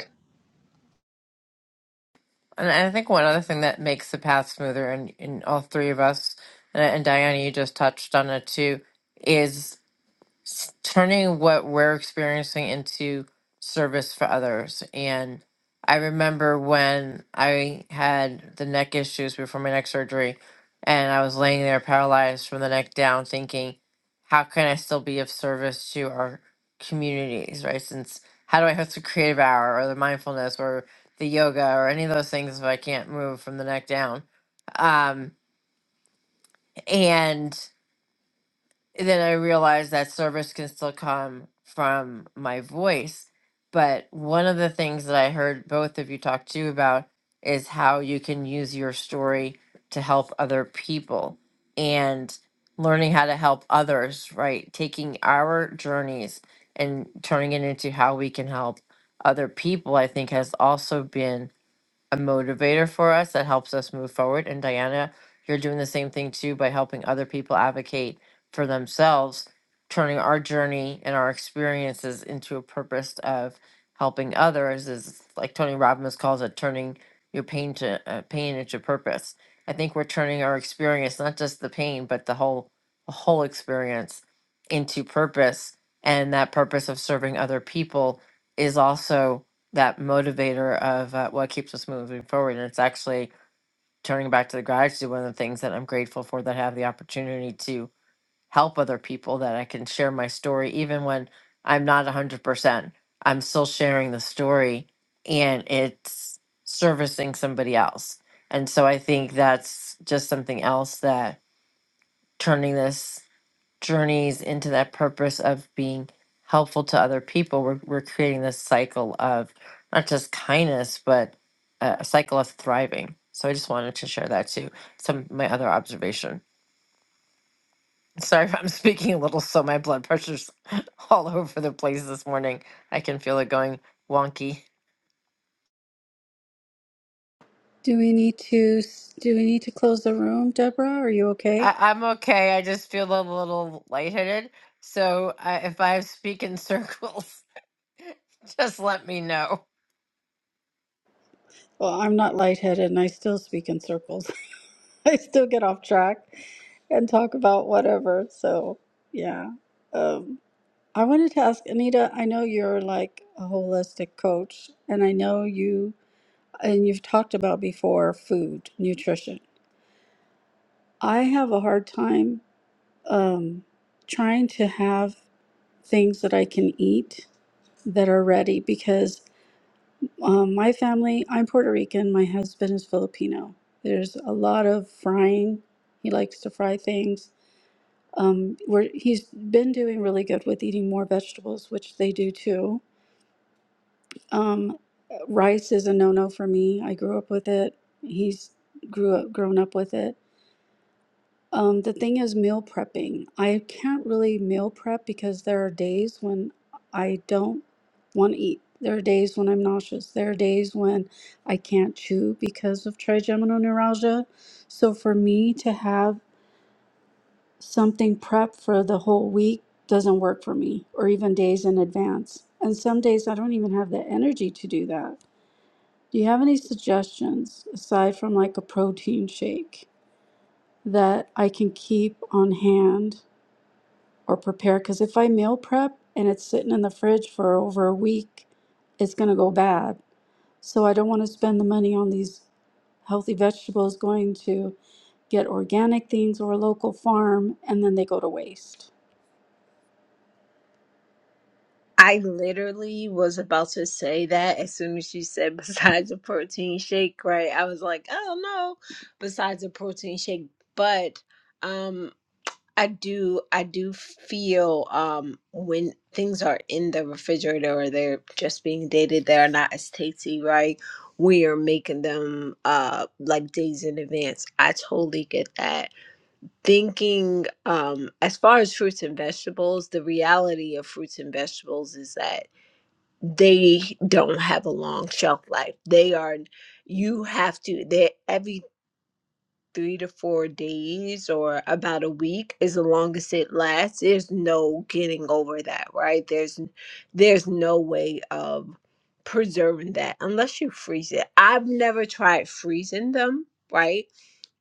A: And I think one other thing that makes the path smoother in, in all three of us, and, and Diana, you just touched on it too, is s- turning what we're experiencing into service for others. And I remember when I had the neck issues before my neck surgery, and I was laying there paralyzed from the neck down, thinking, how can I still be of service to our communities, right? Since how do I host a creative hour or the mindfulness or the yoga or any of those things if I can't move from the neck down? Um, and then I realized that service can still come from my voice. But one of the things that I heard both of you talk to about is how you can use your story to help other people and learning how to help others, right? Taking our journeys and turning it into how we can help other people, I think has also been a motivator for us that helps us move forward. And Diana, you're doing the same thing too by helping other people advocate for themselves, turning our journey and our experiences into a purpose of helping others is like Tony Robbins calls it turning your pain to uh, pain into purpose. I think we're turning our experience, not just the pain, but the whole the whole experience into purpose and that purpose of serving other people is also that motivator of uh, what keeps us moving forward. And it's actually turning back to the gratitude. One of the things that I'm grateful for that I have the opportunity to help other people that I can share my story, even when I'm not 100%. I'm still sharing the story and it's servicing somebody else. And so I think that's just something else that turning this journeys into that purpose of being helpful to other people, we're, we're creating this cycle of not just kindness, but a a cycle of thriving. So I just wanted to share that too. Some my other observation. Sorry if I'm speaking a little slow. My blood pressure's all over the place this morning. I can feel it going wonky.
D: Do we need to do we need to close the room, Deborah? Are you okay?
A: I, I'm okay. I just feel a little lightheaded. So I, if I speak in circles, just let me know.
D: Well, I'm not lightheaded and I still speak in circles. I still get off track and talk about whatever. So, yeah. Um, I wanted to ask Anita, I know you're like a holistic coach and I know you and you've talked about before food, nutrition. I have a hard time um, trying to have things that I can eat that are ready because Um, my family, I'm Puerto Rican. My husband is Filipino. There's a lot of frying. He likes to fry things. Um, we're, he's been doing really good with eating more vegetables, which they do too. Um, rice is a no-no for me. I grew up with it. He's grew up grown up with it. Um, the thing is meal prepping. I can't really meal prep because there are days when I don't want to eat. There are days when I'm nauseous. There are days when I can't chew because of trigeminal neuralgia. So for me to have something prepped for the whole week doesn't work for me, or even days in advance. And some days I don't even have the energy to do that. Do you have any suggestions aside from like a protein shake that I can keep on hand? or prepare because if I meal prep and it's sitting in the fridge for over a week, it's going to go bad. So I don't want to spend the money on these healthy vegetables going to get organic things or a local farm and then they go to waste.
B: I literally was about to say that as soon as she said besides a protein shake, right? I was like, oh no, besides a protein shake. But um I do I do feel um when things are in the refrigerator or they're just being dated, they're not as tasty, right? We are making them uh like days in advance. I totally get that thinking um as far as fruits and vegetables the reality of fruits and vegetables is that they don't have a long shelf life. They are you have to they everything three to four days or about a week is the longest it lasts there's no getting over that right there's there's no way of preserving that unless you freeze it i've never tried freezing them right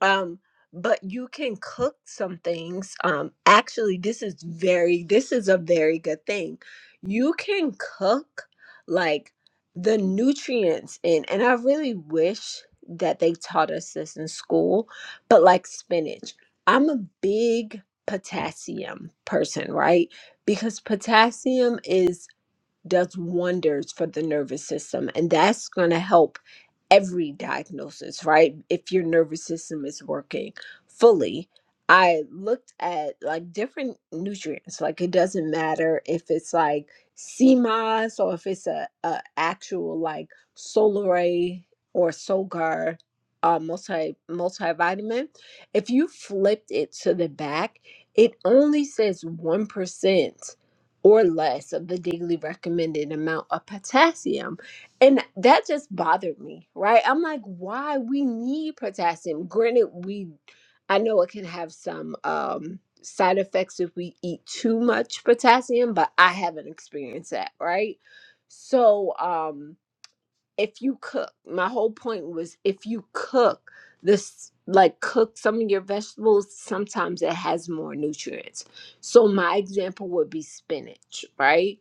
B: um but you can cook some things um actually this is very this is a very good thing you can cook like the nutrients in and i really wish that they taught us this in school but like spinach, I'm a big potassium person, right? Because potassium is does wonders for the nervous system and that's going to help every diagnosis right if your nervous system is working fully i looked at like different nutrients like it doesn't matter if it's like sea moss or if it's a, a actual like solaray or solgar uh, multi multivitamin if you flipped it to the back it only says one percent or less of the daily recommended amount of potassium. And that just bothered me, right? I'm like, why we need potassium? Granted, we I know it can have some um side effects if we eat too much potassium, but I haven't experienced that, right? So, um if you cook my whole point was if you cook this like cook some of your vegetables sometimes it has more nutrients so my example would be spinach right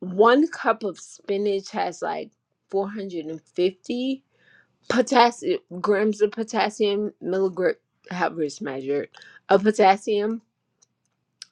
B: one cup of spinach has like 450 potassium grams of potassium milligram however it's measured of potassium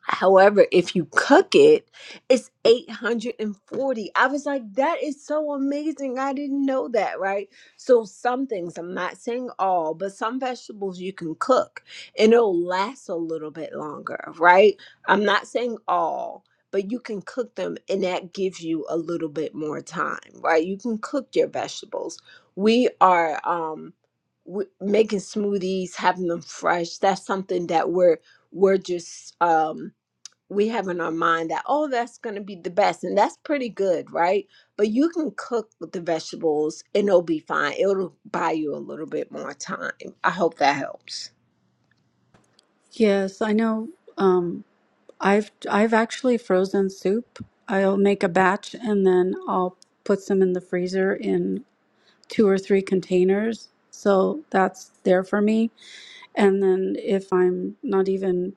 B: However, if you cook it, it's 840. I was like, that is so amazing. I didn't know that, right? So, some things, I'm not saying all, but some vegetables you can cook and it'll last a little bit longer, right? I'm not saying all, but you can cook them and that gives you a little bit more time, right? You can cook your vegetables. We are, um, w- making smoothies having them fresh that's something that we're we're just um we have in our mind that oh that's going to be the best and that's pretty good right but you can cook with the vegetables and it'll be fine it'll buy you a little bit more time i hope that helps
D: Yes, I know um I've I've actually frozen soup. I'll make a batch and then I'll put some in the freezer in two or three containers. So that's there for me. And then if I'm not even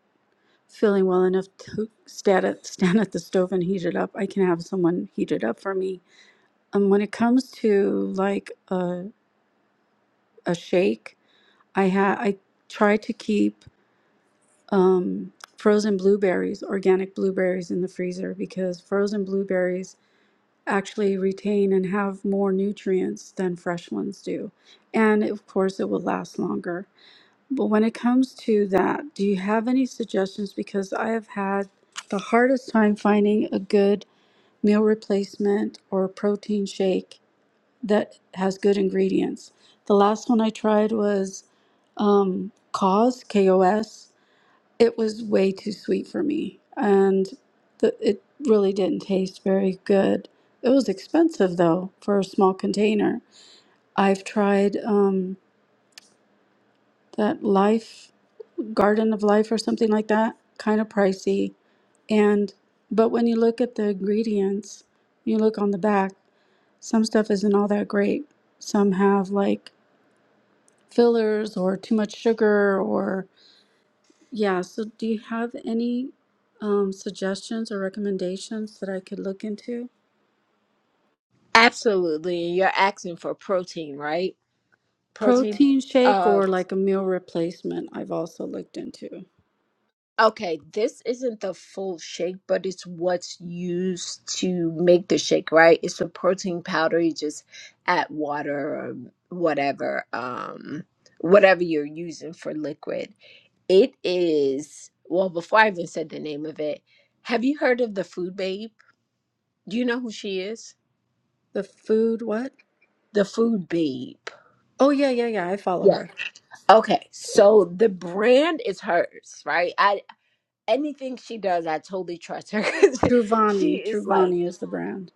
D: feeling well enough to stand at, stand at the stove and heat it up, I can have someone heat it up for me. And when it comes to like a, a shake, I ha- I try to keep um, frozen blueberries, organic blueberries in the freezer because frozen blueberries actually retain and have more nutrients than fresh ones do. And of course, it will last longer. But when it comes to that, do you have any suggestions? Because I have had the hardest time finding a good meal replacement or protein shake that has good ingredients. The last one I tried was um, Cause, K O S. It was way too sweet for me, and the, it really didn't taste very good. It was expensive though for a small container. I've tried um, that Life. Garden of Life or something like that, kind of pricey. And but when you look at the ingredients, you look on the back, some stuff isn't all that great. Some have like fillers or too much sugar or yeah, so do you have any um, suggestions or recommendations that I could look into?
B: absolutely and you're asking for protein right protein
D: Protein shake
B: uh
D: or like a meal replacement, I've also looked into.
B: okay this isn't the full shake but it's what's used to make the shake right it's a protein powder you just add water or whatever um whatever you're using for liquid It is, well, before I even said the name of it, have you heard of the Food Babe? Do you know who she is?
D: The food, what?
B: The Food Babe.
D: Oh, yeah, yeah, yeah, I follow
B: Yes.
D: her.
B: Okay, so the brand is hers, right? I anything she does, I totally trust her 'cause she
D: Truvani,
B: is like
D: Truvani is the brand.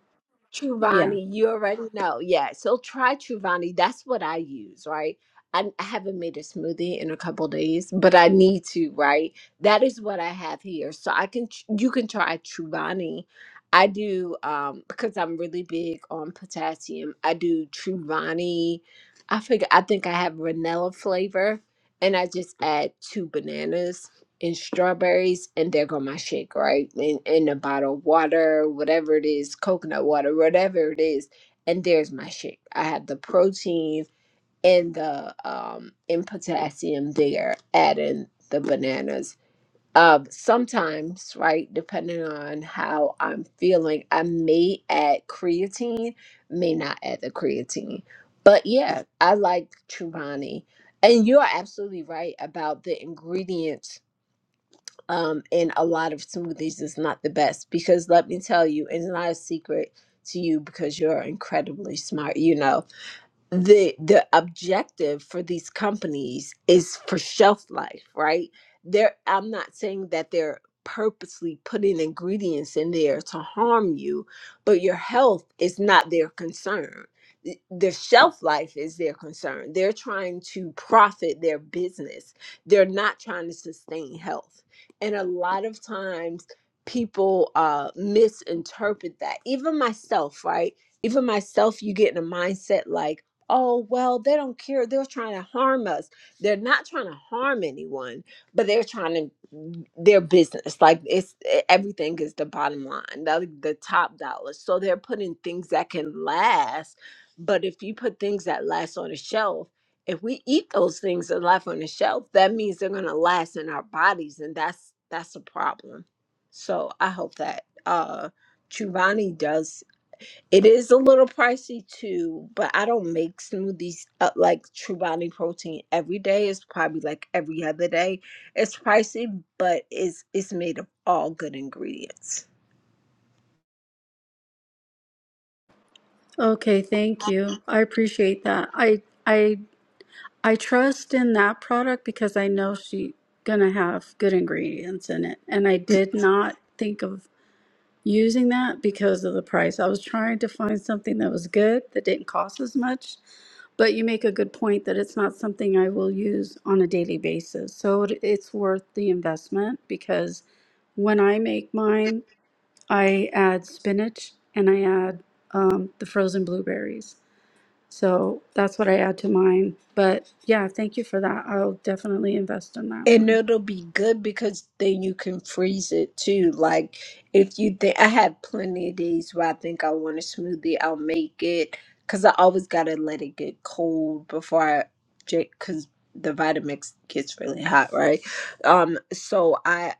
D: Yeah.
B: Truvani, you already know. Yeah, so try Truvani. That's what I use, right? I, I haven't made a smoothie in a couple days, but I need to, right? That is what I have here. So I can ch- you can try Truvani. I do um because I'm really big on potassium. I do Truvani. I figure I think I have vanilla flavor and I just add two bananas and strawberries, and there go my shake, right? And, and a bottle of water, whatever it is, coconut water, whatever it is, and there's my shake. I have the protein and the um and potassium there, adding the bananas. Um, sometimes, right, depending on how I'm feeling, I may add creatine, may not add the creatine. But yeah, I like Chobani. And you're absolutely right about the ingredients um, and a lot of smoothies is not the best because let me tell you, it's not a secret to you because you're incredibly smart. You know, the the objective for these companies is for shelf life right they're i'm not saying that they're purposely putting ingredients in there to harm you but your health is not their concern Th- the shelf life is their concern they're trying to profit their business they're not trying to sustain health and a lot of times people uh misinterpret that even myself right even myself you get in a mindset like oh well they don't care they're trying to harm us they're not trying to harm anyone but they're trying to mm, their business like it's e, everything is the bottom line the, the top dollar so they're putting things that can last but if you put things that last on a shelf if we eat those things that last on the shelf that means they're going to last in our bodies and that's that's a problem so i hope that uh Chuvani does it is a little pricey too, but I don't make smoothies uh, like True Body Protein every day. It's probably like every other day. It's pricey, but it's it's made of all good ingredients.
D: Okay, thank you. I appreciate that. I I I trust in that product because I know she gonna have good ingredients in it. And I did not think of using that because of the price. I was trying to find something that was good that didn't cost as much, but you make a good point that it's not something I will use on a daily basis. So it, it's worth the investment because when I make mine, I add spinach and I add um, the frozen blueberries so that's what I add to mine. But yeah, thank you for that. I'll definitely invest in that
B: And
D: one.
B: it'll be good because then you can freeze it too. Like if you think I have plenty of days where I think I want a smoothie, I'll make it because I always gotta let it get cold before I because the Vitamix gets really hot, right? Um, so I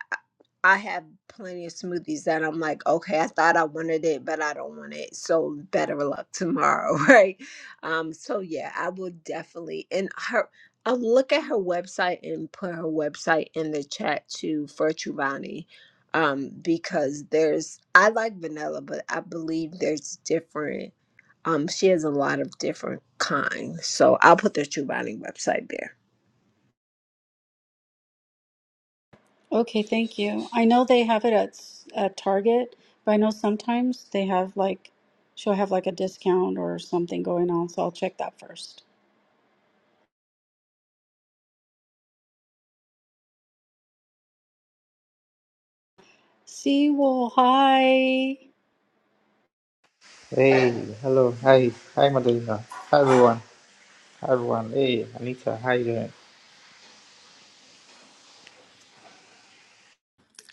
B: I have plenty of smoothies that I'm like, okay, I thought I wanted it, but I don't want it. So better luck tomorrow, right? Um, so yeah, I will definitely. And her. I'll look at her website and put her website in the chat too for Truvani. Um, because there's I like vanilla, but I believe there's different um she has a lot of different kinds. So I'll put the Truvani website there.
D: Okay, thank you. I know they have it at s- at Target, but I know sometimes they have like she'll have like a discount or something going on, so I'll check that first. Seawolf, hi.
F: Hey, hello, hi, hi Madalena, hi everyone, hi everyone. Hey, Anita, how you doing?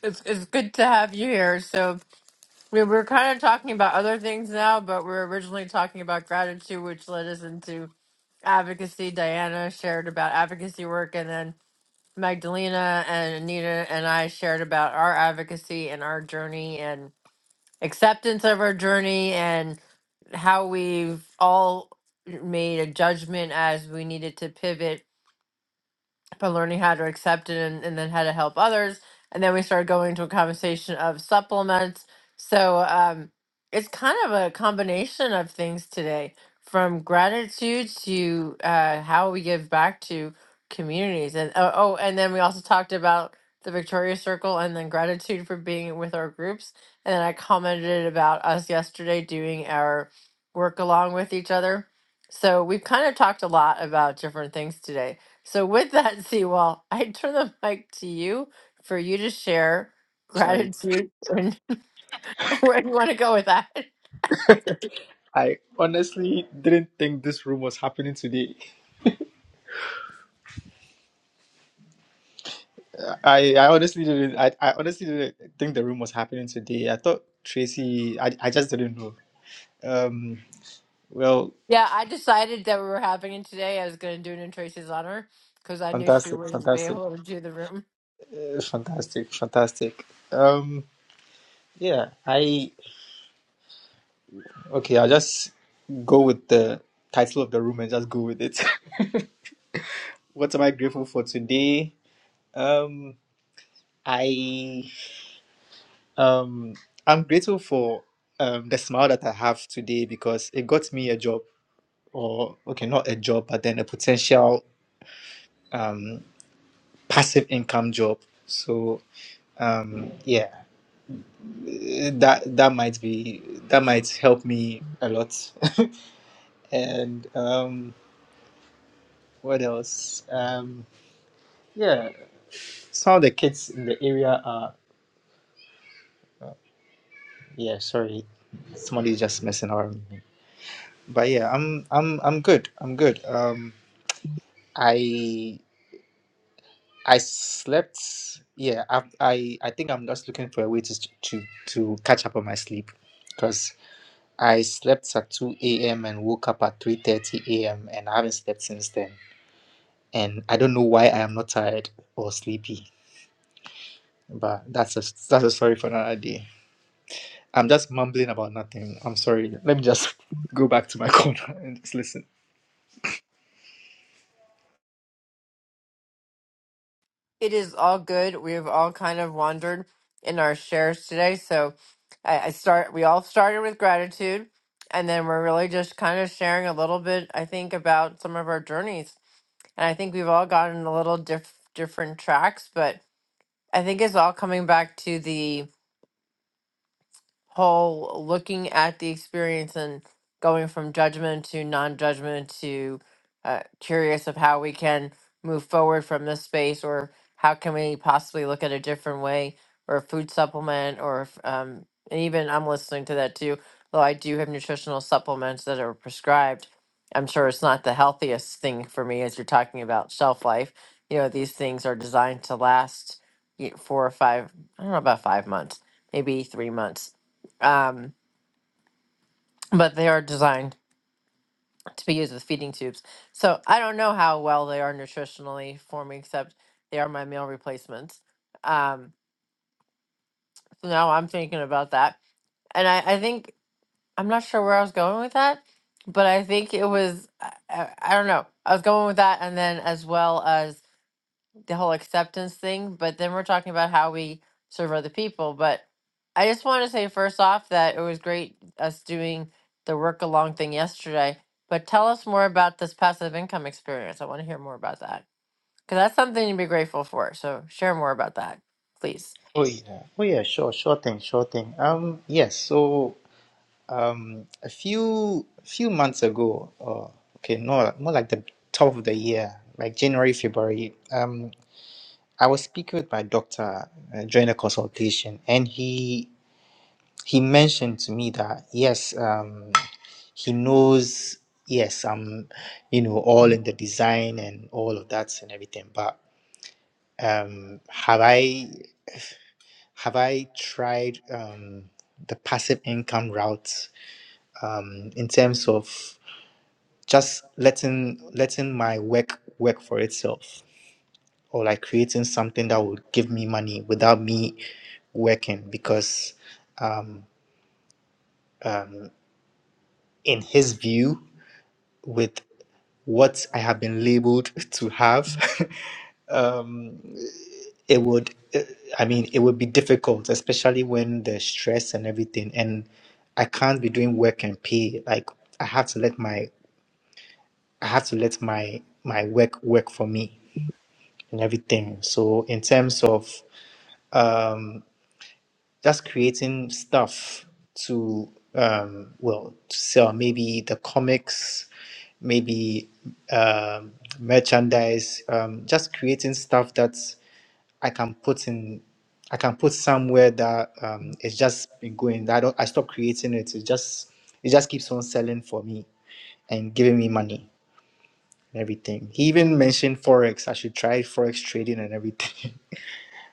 A: It's, it's good to have you here. So We were kind of talking about other things now, but we are originally talking about gratitude, which led us into advocacy. Diana shared about advocacy work, and then Magdalena and Anita and I shared about our advocacy and our journey and acceptance of our journey and how we've all made a judgment as we needed to pivot but learning how to accept it and, and then how to help others. And then we started going into a conversation of supplements. So um, it's kind of a combination of things today from gratitude to uh, how we give back to communities. And oh, oh, and then we also talked about the Victoria Circle and then gratitude for being with our groups. And then I commented about us yesterday doing our work along with each other. So we've kind of talked a lot about different things today. So, with that, Seawall, I turn the mic to you for you to share
F: I,
A: gratitude and where you want to go with that.
F: I honestly didn't think this room was happening today. I, I honestly didn't. I, I honestly didn't think the room was happening today. I thought Tracy. I, I just didn't know. Um. Well,
A: Yeah, I decided that we were having it today. I was going to do it in Tracy's honor because I knew she
F: fantastic,
A: wouldn't be
F: fantastic,
A: able to do the room.
F: uh, fantastic, fantastic. Um. Yeah. I. Okay. I'll just go with the title of the room and just go with it. what am I grateful for today? Um. I um I'm grateful for um the smile that I have today because it got me a job or okay not a job but then a potential um passive income job. So um yeah eh, that that might be that might help me a lot. and um what else? Um yeah some of the kids in the area are yeah sorry somebody's just messing around with me. But yeah I'm I'm I'm good. I'm good. Um I I slept. Yeah, I I, I think I'm just looking for a way to to to catch up on my sleep because I slept at 2 a.m. and woke up at 3:30 a.m. and I haven't slept since then. And I don't know why I am not tired or sleepy, but that's a that's a story for another day. I'm just mumbling about nothing. I'm sorry. Let me just go back to my corner and just listen.
A: It is all good. We've all kind of wandered in our shares today. So, I, I start. We all started with gratitude, and then we're really just kind of sharing a little bit. I think about some of our journeys, and I think we've all gotten a little diff- different tracks, but I think it's all coming back to the whole looking at the experience and going from judgment to non-judgment to uh, curious of how we can move forward from this space or how can we possibly look at a different way or a food supplement or if, um, and even i'm listening to that too though i do have nutritional supplements that are prescribed i'm sure it's not the healthiest thing for me as you're talking about shelf life you know these things are designed to last y- four or five i don't know about five months maybe three months um, but they are designed to be used with feeding tubes. So I don't know how well they are nutritionally for me, except they are my meal replacements. Um, so now I'm thinking about that, and I, I think I'm not sure where I was going with that, but I think it was I, I, I don't know. I was going with that, and then as well as the whole acceptance thing, but then we're talking about how we serve other people. But I just want to say first off that it was great us doing the work along thing yesterday. But tell us more about this passive income experience. I want to hear more about that because that's something to be grateful for. So share more about that, please.
F: Oh yeah. Oh yeah, sure, sure thing, sure thing. Um yes, so Um, a few few months ago, or okay, no, more like the top of the year, like January, February. Um, I was speaking with my doctor uh, during a consultation, and he he mentioned to me that yes, um, he knows yes, I'm, you know, all in the design and all of that and everything, but um, have I have I tried um the passive income route um in terms of just letting letting my work work for itself or like creating something that will give me money without me working because um, in his view with what i have been labeled to have um, it would i mean it would be difficult especially when the stress and everything and i can't be doing work and pay like i have to let my i have to let my my work work for me and everything. So in terms of um, just creating stuff to um, well to sell, maybe the comics, maybe um, merchandise, um, just creating stuff that I can put in. I can put somewhere that um, it's just been going. I don't. I stop creating it. It just it just keeps on selling for me and giving me money and everything. He even mentioned forex. I should try forex trading and everything.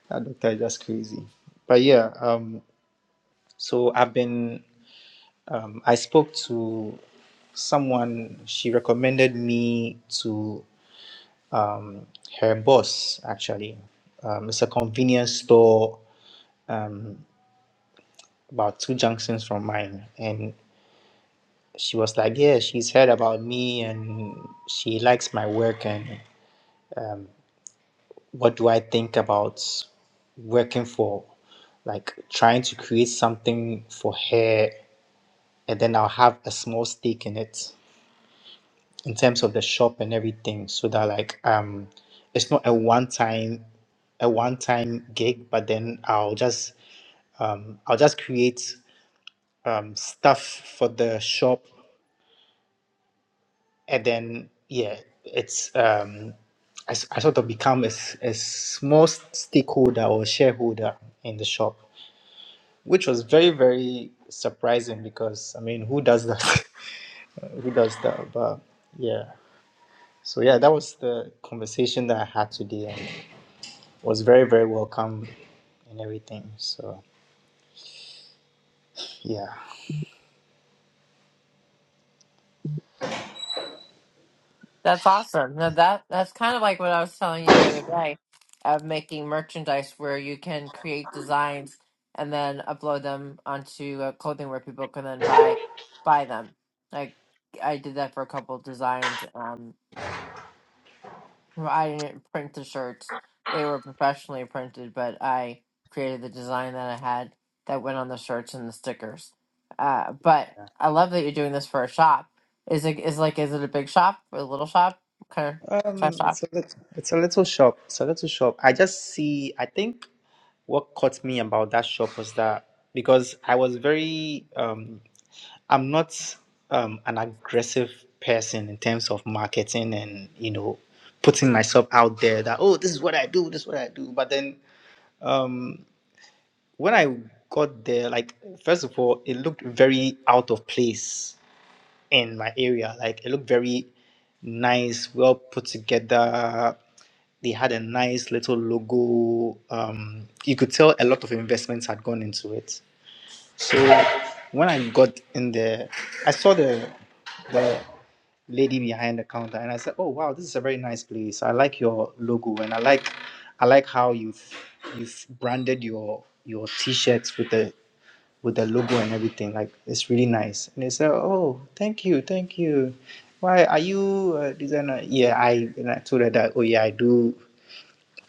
F: That doctor is just crazy. But yeah, um, so I've been, um, I spoke to someone, she recommended me to um, her boss, actually. Um, it's a convenience store um, about two junctions from mine. And she was like, Yeah, she's heard about me and she likes my work. And what do I think about working for, like trying to create something for her and then I'll have a small stake in it in terms of the shop and everything, so that like um, it's not a one time a one time gig, but then I'll just um, I'll just create um, stuff for the shop, and then yeah, it's um, I, s- I sort of become a, s- a small stakeholder or shareholder in the shop, which was very very surprising because I mean who does that? who does that? But yeah. So yeah, that was the conversation that I had today and it was very, very welcome and everything. So yeah.
A: That's awesome. Now that that's kind of like what I was telling you the other day of making merchandise where you can create designs and then upload them onto a clothing where people can then buy buy them. Like I did that for a couple of designs. Um, well, I didn't print the shirts. They were professionally printed, but I created the design that I had that went on the shirts and the stickers. Uh, but I love that you're doing this for a shop. Is it is like is it a big shop or a little shop? What Kind of shop
F: Um
A: shop.
F: it's a little it's a little shop. It's a little shop. I just see I think what caught me about that shop was that because I was very um I'm not um an aggressive person in terms of marketing and you know putting myself out there that oh this is what I do, this is what I do. But then um, when I got there, like first of all, it looked very out of place in my area. Like it looked very nice, well put together. They had a nice little logo. Um, you could tell a lot of investments had gone into it. So when I got in there, I saw the the lady behind the counter, and I said, "Oh wow, this is a very nice place. I like your logo, and I like I like how you've you've branded your your t-shirts with the with the logo and everything. Like it's really nice." And they said, "Oh, thank you, thank you. Why are you a designer?" Yeah, I and I told her that. Oh yeah, I do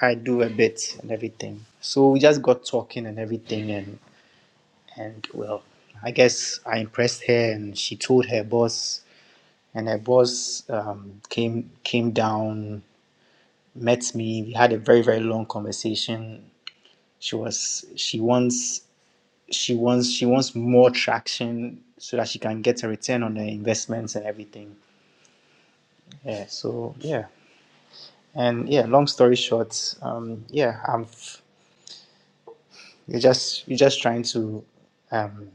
F: I do a bit and everything. So we just got talking and everything, and." And well, I guess I impressed her, and she told her boss, and her boss um, came came down, met me. We had a very very long conversation. She was she wants she wants she wants more traction so that she can get a return on her investments and everything. Yeah. So yeah, and yeah. Long story short, um, yeah, I'm. You're just you're just trying to um,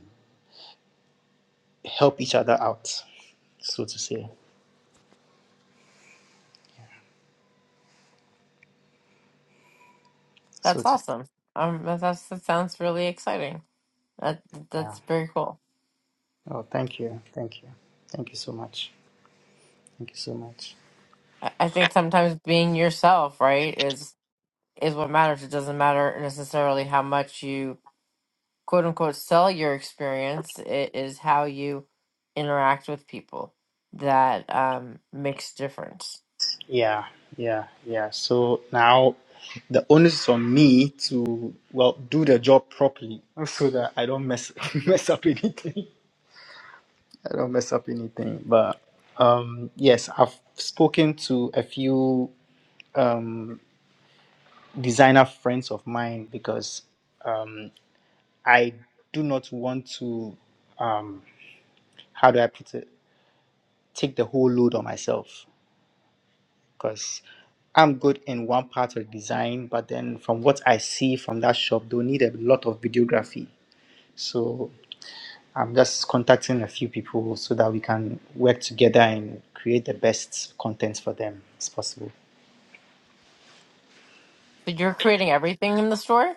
F: help each other out, so to say. So
A: That's
F: to say.
A: awesome. Um, that- that's that sounds really exciting. That
F: Yeah.
A: that's very cool.
F: Oh, thank you. Thank you. Thank you so much. Thank you so much.
A: I, I think sometimes being yourself, right, is is what matters. It doesn't matter necessarily how much you quote unquote sell your experience. It is how you interact with people that um, makes difference.
F: Yeah, yeah, yeah. So now the onus is on me to, well, do the job properly so that I don't mess mess up anything. I don't mess up anything. But um, yes, I've spoken to a few um, designer friends of mine because um, I do not want to, um, how do I put it, take the whole load on myself. because I'm good in one part of design, but then from what I see from that shop, they'll need a lot of videography. So I'm just contacting a few people so that we can work together and create the best content for them as possible.
A: So you're creating everything in the store.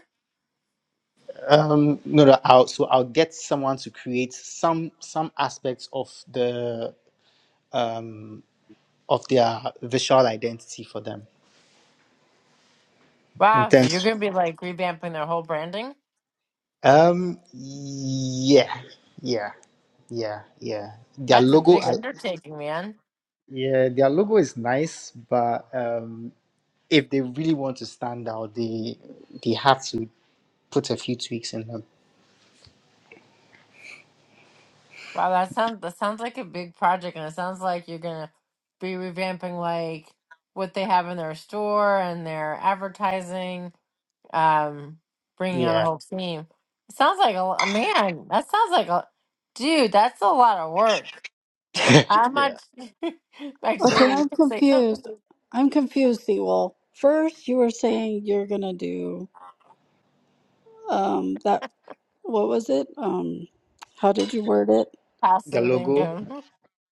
F: Um, no, no, I'll, so I'll get someone to create some some aspects of the um, of their visual identity for them. In
A: Wow. So you're
F: terms,
A: gonna be like revamping their whole branding.
F: um, yeah, yeah. Yeah, yeah. Their
A: That's a
F: logo,
A: big
F: I,
A: undertaking, man.
F: Yeah, their logo is nice, but um, if they really want to stand out, they they have to put a few tweaks in them.
A: Wow, that sounds that sounds like a big project, and it sounds like you're gonna be revamping like what they have in their store and their advertising um bringing on a
F: Yeah,
A: whole team it sounds like a lo- man that sounds like a dude that's a lot of work i'm not
F: yeah.
D: Okay,
A: magdalena you
D: I'm
A: could say something
D: confused.
A: with
D: I'm confused, Seawolf. First, you were saying you're gonna do um that what was it? Um how did you word it?
F: Their
A: passive
F: logo.
A: income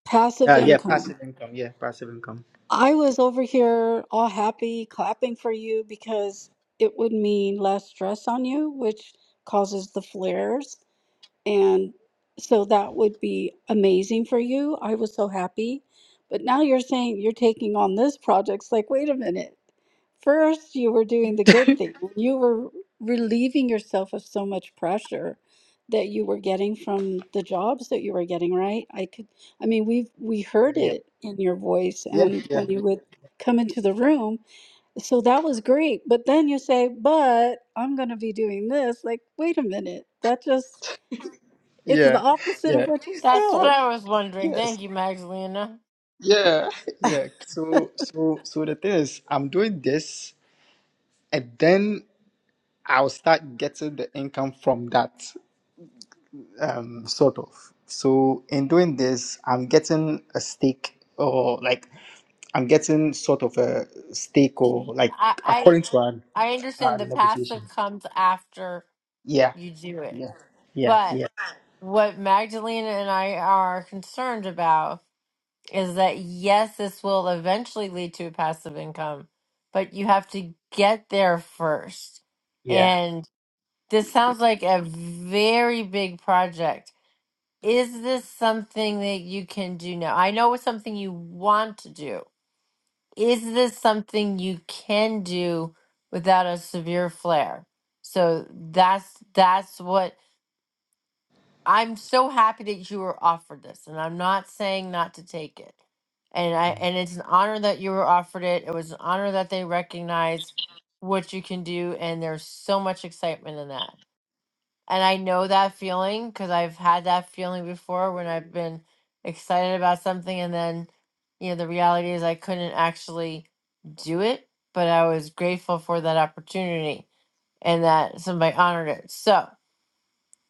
D: Passive
F: Uh, yeah,
D: income.
F: passive income. Yeah, passive income.
D: I was over here all happy, clapping for you because it would mean less stress on you, which causes the flares. And so that would be amazing for you. I was so happy. But now you're saying you're taking on this project. It's like, wait a minute. First, you were doing the good thing. You were relieving yourself of so much pressure that you were getting from the jobs that you were getting, right? I could, I mean, we've we heard
F: Yeah,
D: it in your voice
F: yeah,
D: and
F: yeah,
D: when you would come into the room. So that was great. But then you say, but I'm going to be doing this. Like, wait a minute. That just it's the
F: yeah,
D: opposite of
F: yeah.
D: what you
A: that's what
D: said.
A: i was wondering
F: Yes,
A: thank you magdalena
F: yeah, yeah. So, so, so the thing is, I'm doing this, and then I'll start getting the income from that. um, sort of. So in doing this, I'm getting a stake or like I'm getting sort of a stake or
A: Y-
F: like
A: i i
F: according to our,
A: i
F: our
A: understand the
F: negotiation.
A: passive comes after
F: Yeah,
A: you do it
F: yeah, yeah,
A: but
F: yeah,
A: what magdalena and i are concerned about is that yes, this will eventually lead to passive income, but you have to get there first.
F: yeah.
A: And this sounds like a very big project. Is this something that you can do now? I know it's something you want to do. Is this something you can do without a severe flare? So that's that's what I'm so happy that you were offered this, and I'm not saying not to take it. And I and it's an honor that you were offered it. It was an honor that they recognized what you can do, and there's so much excitement in that. And I know that feeling because I've had that feeling before when I've been excited about something, and then you know the reality is I couldn't actually do it, but I was grateful for that opportunity and that somebody honored it. So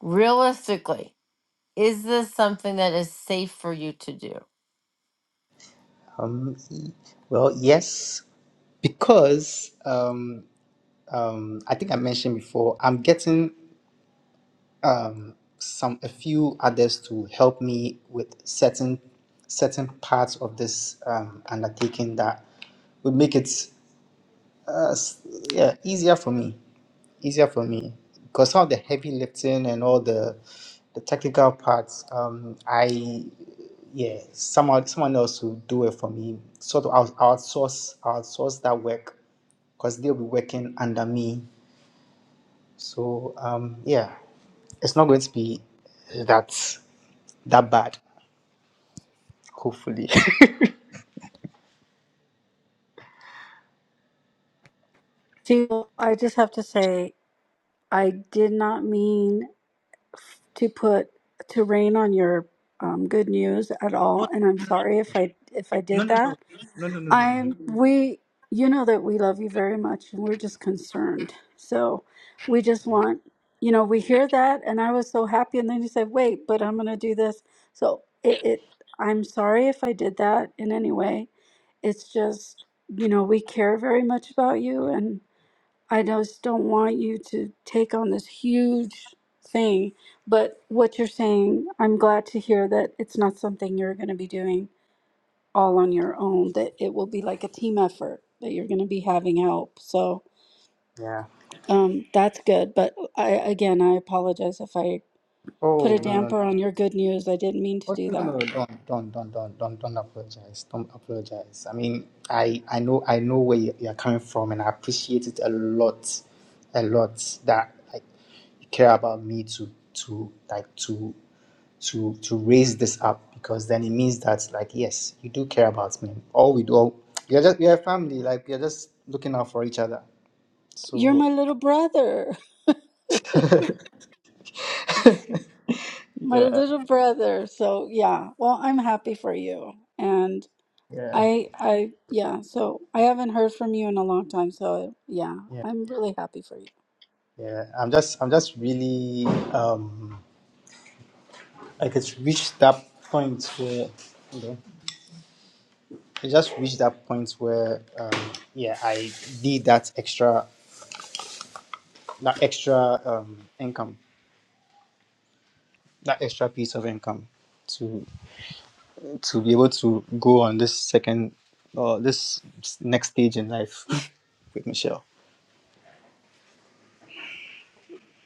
A: realistically is this something that is safe for you to do?
F: Um, well, yes, because um, um, I think I mentioned before, I'm getting um, some a few others to help me with certain certain parts of this um, undertaking that would make it uh, s- yeah easier for me easier for me because some of the heavy lifting and all the the technical parts um, I yeah someone someone else will do it for me sort of out- outsource outsource that work because they'll be working under me so um, yeah, it's not going to be that that bad, hopefully.
D: See, well, I just have to say, I did not mean to put to rain on your um, good news at all, and I'm sorry if I if I
F: Oh, no,
D: did
F: no,
D: that.
F: no, no, no, no, no.
D: I'm we you know that we love you very much and we're just concerned. So we just want you know, we hear that and I was so happy and then you said, Wait, but I'm gonna do this. So it, it I'm sorry if I did that in any way. It's just, you know, we care very much about you and I just don't want you to take on this huge thing. But what you're saying, I'm glad to hear that it's not something you're gonna be doing all on your own, that it will be like a team effort, that you're going to be having help. So
F: yeah.
D: um, that's good. But I, again, I apologize if I put
F: Oh
D: a
F: no no.
D: damper on your good news. I didn't mean to
F: Oh,
D: do
F: no, no,
D: that.
F: no, don't, don't, don't, don't, don't, don't apologize. Don't apologize. I mean, I, I know, I know where you- you're coming from, and I appreciate it a lot, a lot that like, you care about me to, to like to. to to raise this up because then it means that like yes you do care about me all we do all, you're just we are family like we are just looking out for each other
D: You're
F: so
D: my little brother, my
F: yeah
D: little brother. So yeah, well, I'm happy for you. And
F: yeah
D: I, I, yeah, so I haven't heard from you in a long time. So yeah,
F: yeah
D: I'm really happy for you.
F: yeah i'm just i'm just really um like it's reached that point where you know it just reached that point where um yeah i need that extra that extra um income that extra piece of income to to be able to go on this second uh, this next stage in life with Michelle.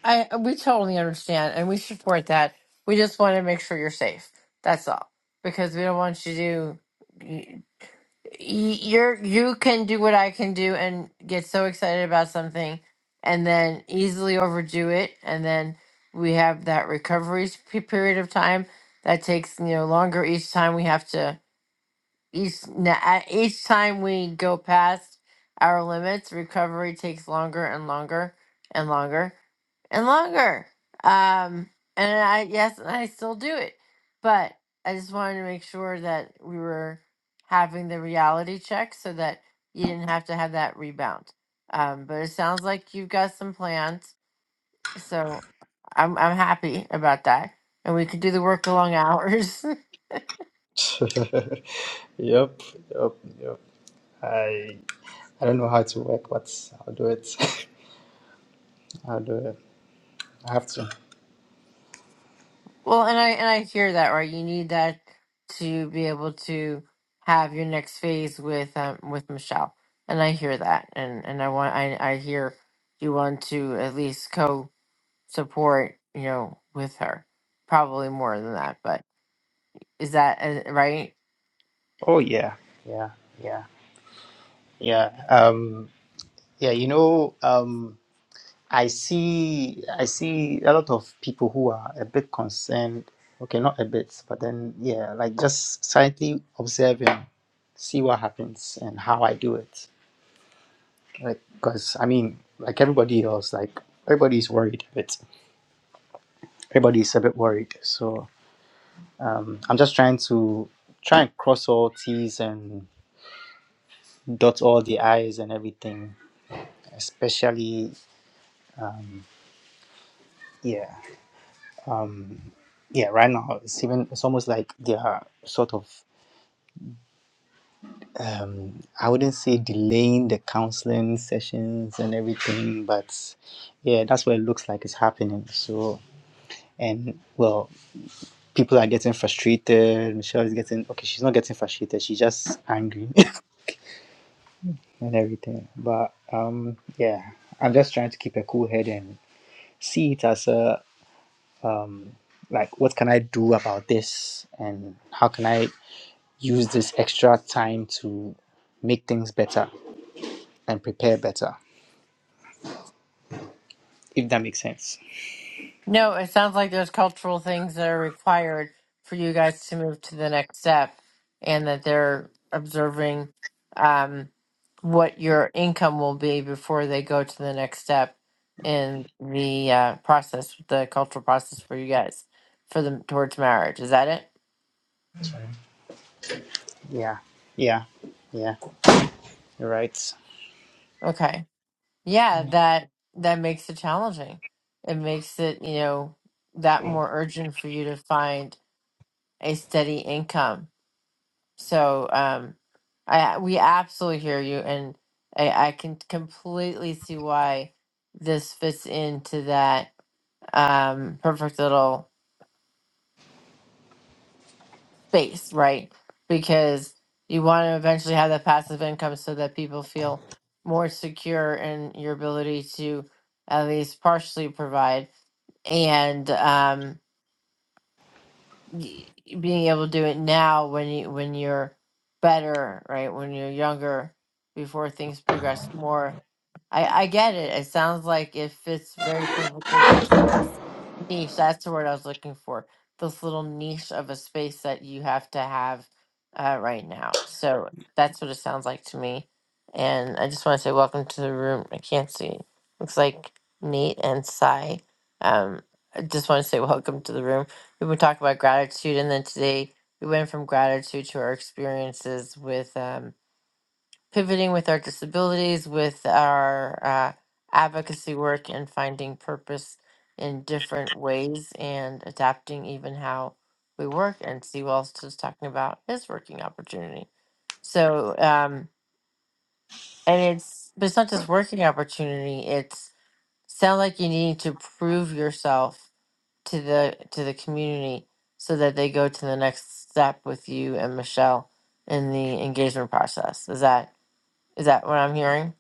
A: I uh, we totally understand and we support that. We just want to make sure you're safe. That's all. Because we don't want you to y- y- you're you can do what I can do and get so excited about something and then easily overdo it and then we have that recovery s- pe- period of time that takes you know longer each time we have to Each, na- at each time we go past our limits, recovery takes longer and longer and longer and longer. Um, and I, yes, and I still do it. But I just wanted to make sure that we were having the reality check so that you didn't have to have that rebound. Um, but it sounds like you've got some plans. So I'm, I'm happy about that. And we could do the work along hours.
F: yep, yep, yep. I I don't know how to work, but I'll do it. I'll do it. I have to.
A: Well, and I and I hear that right. You need that to be able to have your next phase with um with Michelle, and I hear that, and and I want I I hear you want to at least co support you know with her, probably more than that, but is that uh, right?
F: Oh yeah, yeah, yeah, yeah. Um, yeah. You know, um, I see I see a lot of people who are a bit concerned. Okay, not a bit, but then yeah, like just silently observing, see what happens and how I do it. Like, cause I mean, like everybody else, like everybody's worried a bit. Everybody's a bit worried. So um, I'm just trying to try and cross all T's and dot all the I's and everything. Especially yeah, um, yeah. Right now, it's even it's almost like they are sort of um, I wouldn't say delaying the counseling sessions and everything, but yeah, that's what it looks like is happening. So, and well, people are getting frustrated. Michelle is getting okay. She's not getting frustrated. She's just angry and everything. But um, yeah, I'm just trying to keep a cool head and see it as a um, like what can I do about this and how can I use this extra time to make things better and prepare better. if that makes sense.
A: No, it sounds like there's cultural things that are required for you guys to move to the next step, and that they're observing um, what your income will be before they go to the next step in the uh, process, the cultural process for you guys for them towards marriage. Is that it?
F: Yeah, yeah, yeah, Right.
A: Okay. Yeah,
F: Yeah.
A: that that makes it challenging. It makes it, you know, that more urgent for you to find a steady income So um, I we absolutely hear you, and I, I can completely see why this fits into that um, perfect little space, right? Because you want to eventually have that passive income so that people feel more secure in your ability to at least partially provide. And um, y- being able to do it now when you when you're better right when you're younger before things progress more i i get it it sounds like it fits very perfectly into this niche that's the word i was looking for this little niche of a space that you have to have uh, right now so that's what it sounds like to me and i just want to say welcome to the room i can't see looks like nate and Sai. um i just want to say welcome to the room we would talk about gratitude and then today we went from gratitude to our experiences with um, pivoting with our disabilities with our uh, advocacy work and finding purpose in different ways and adapting even how we work and steve also is talking about his working opportunity so um, and it's but it's not just working opportunity it's sound like you need to prove yourself to the to the community so that they go to the next step with you and Michelle in the engagement process. Is that is that what I'm hearing?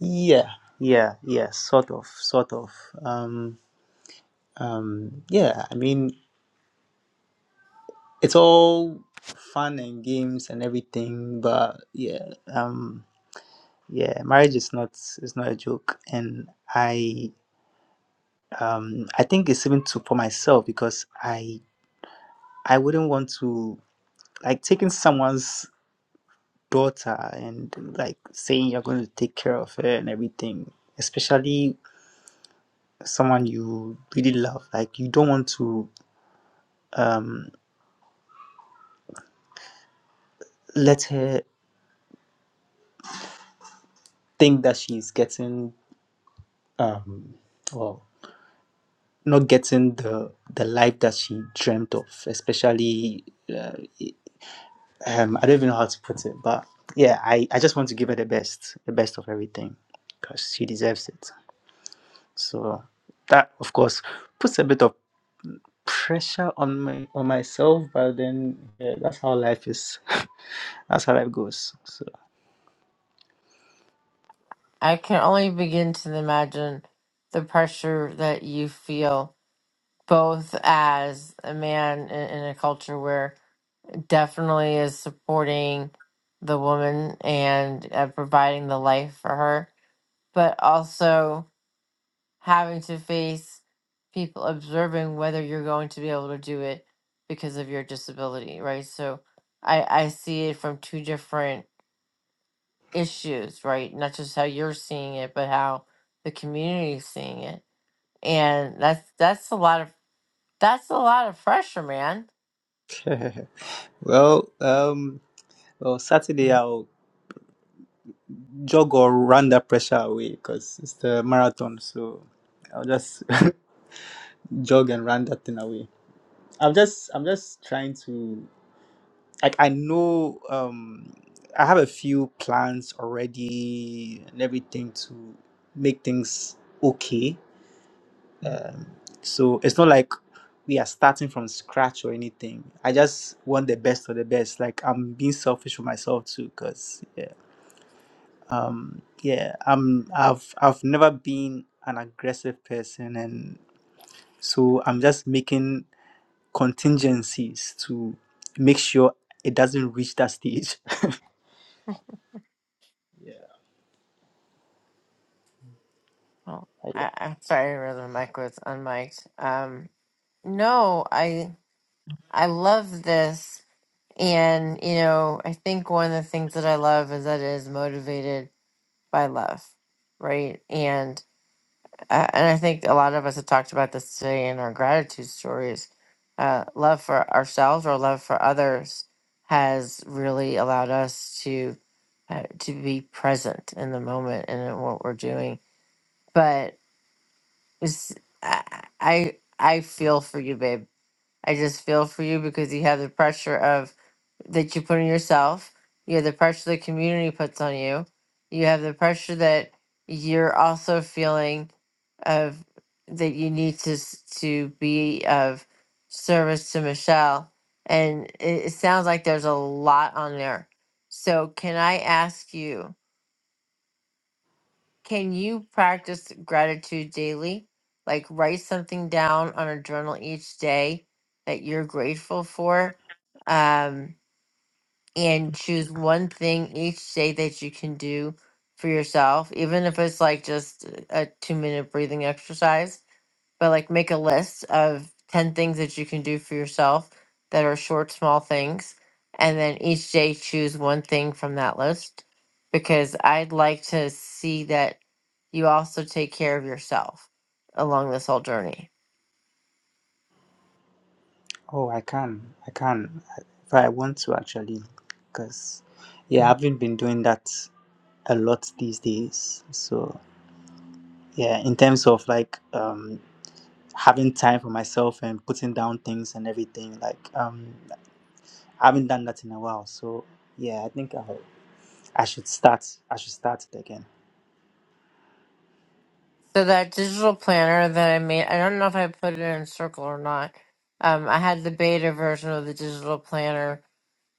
F: yeah, yeah, yeah. Sort of, sort of. Um, um, yeah. I mean, it's all fun and games and everything, but yeah, um, yeah. Marriage is not is not a joke, and I um I think it's even too for myself because I I wouldn't want to like taking someone's daughter and like saying you're going to take care of her and everything, especially someone you really love like you don't want to um let her think that she's getting um well not getting the the life that she dreamt of especially uh, um i don't even know how to put it but yeah i i just want to give her the best the best of everything because she deserves it so that of course puts a bit of pressure on my on myself but then yeah, that's how life is that's how life goes so
A: I can only begin to imagine the pressure that you feel both as a man in, in a culture where definitely is supporting the woman and uh, providing the life for her, but also having to face people observing whether you're going to be able to do it because of your disability, right? So I, I see it from two different issues, right? Not just how you're seeing it, but how the community is seeing it. And that's that's a lot of that's a lot of pressure, man.
F: Well, um, well, Saturday I'll jog or run that pressure away because it's the marathon. So I'll just jog and run that thing away. I'm just, I'm just trying to, like, I know, um, I have a few plans already and everything to make things okay. Um, so it's not like we are starting from scratch or anything. I just want the best of the best. Like I'm being selfish for myself too, because um yeah i'm i've i've never been an aggressive person and so i'm just making contingencies to make sure it doesn't reach that stage
A: Oh, I, I'm sorry, I realized my mic was unmiked. Um, no, I I love this, and you know, I think one of the things that I love is that it is motivated by love, right? And uh, and I think a lot of us have talked about this today in our gratitude stories. Uh, love for ourselves or love for others has really allowed us to uh, to be present in the moment and in what we're doing. But it's, I I I feel for you, babe I just feel for you because you have the pressure of that you put on yourself. You have the pressure the community puts on you. You have the pressure that you're also feeling of that you need to s- to be of service to Michelle. And it, it sounds like there's a lot on there. So can I ask you? Can you practice gratitude daily? Like write something down on a journal each day that you're grateful for, um, and choose one thing each day that you can do for yourself, even if it's like just a two minute breathing exercise but like make a list of 10 things that you can do for yourself that are short small things and then each day choose one thing from that list because i'd like to see that you also take care of yourself along this whole journey
F: oh i can i can if i want to actually because yeah i've not been doing that a lot these days so yeah in terms of like um having time for myself and putting down things and everything like um i haven't done that in a while so yeah i think I. I should start. I should start it again.
A: so that digital planner that i made i don't know if i put it in circle or not um, i had the beta version of the digital planner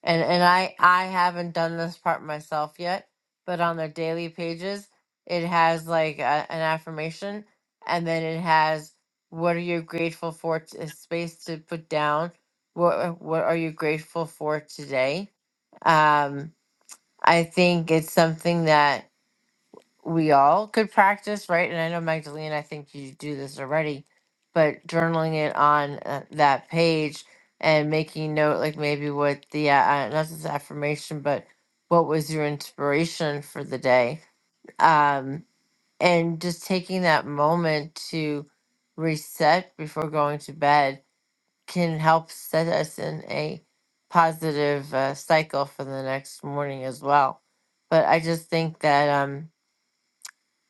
A: and and I I haven't done this part myself yet, but on their daily pages, it has like a, an affirmation, and then it has what are you grateful for? T- a space to put down. What what are you grateful for today? Um, I think it's something that we all could practice, right? And I know Magdalene, I think you do this already, but journaling it on uh, that page and making note, like maybe what the uh, uh, not just affirmation, but what was your inspiration for the day, um, and just taking that moment to reset before going to bed can help set us in a positive uh, cycle for the next morning as well. But I just think that um,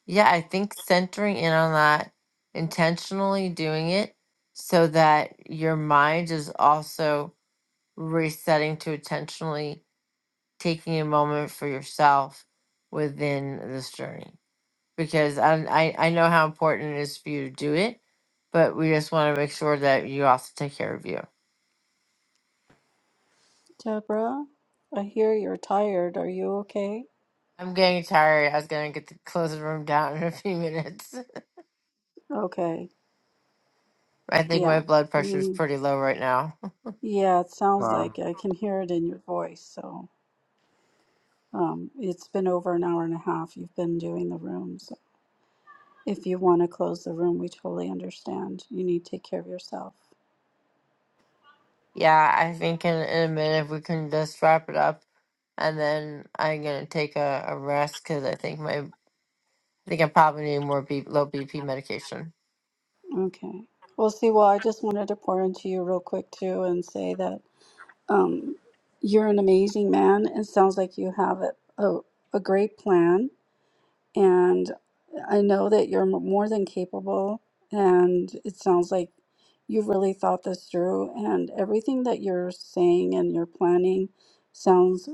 A: yeah, I think centering in on that, intentionally doing it so that your mind is also resetting to intentionally taking a moment for yourself within this journey. Because I, I, I know how important it is for you to do it, but we just want to make sure that you also take care of you.
D: Deborah, I hear you're tired. Are you okay?
A: I'm getting tired. I was going to get to close the room down in a few minutes.
D: Okay.
A: I think
D: Yeah.
A: my blood pressure is pretty low right now.
D: Yeah, it sounds
F: Wow.
D: like I can hear it in your voice. So, um, it's been over an hour and a half you've been doing the room. So, if you want to close the room, we totally understand. You need to take care of yourself.
A: Yeah, I think in, in a minute we can just wrap it up and then I'm gonna take a, a rest because I think my I think I probably need more B, low BP medication.
D: Okay. Well, see, well, I just wanted to pour into you real quick too and say that um, you're an amazing man. It sounds like you have a, a, a great plan And I know that you're m- more than capable. And it sounds like you have really thought this through. And everything that you're saying and you're planning sounds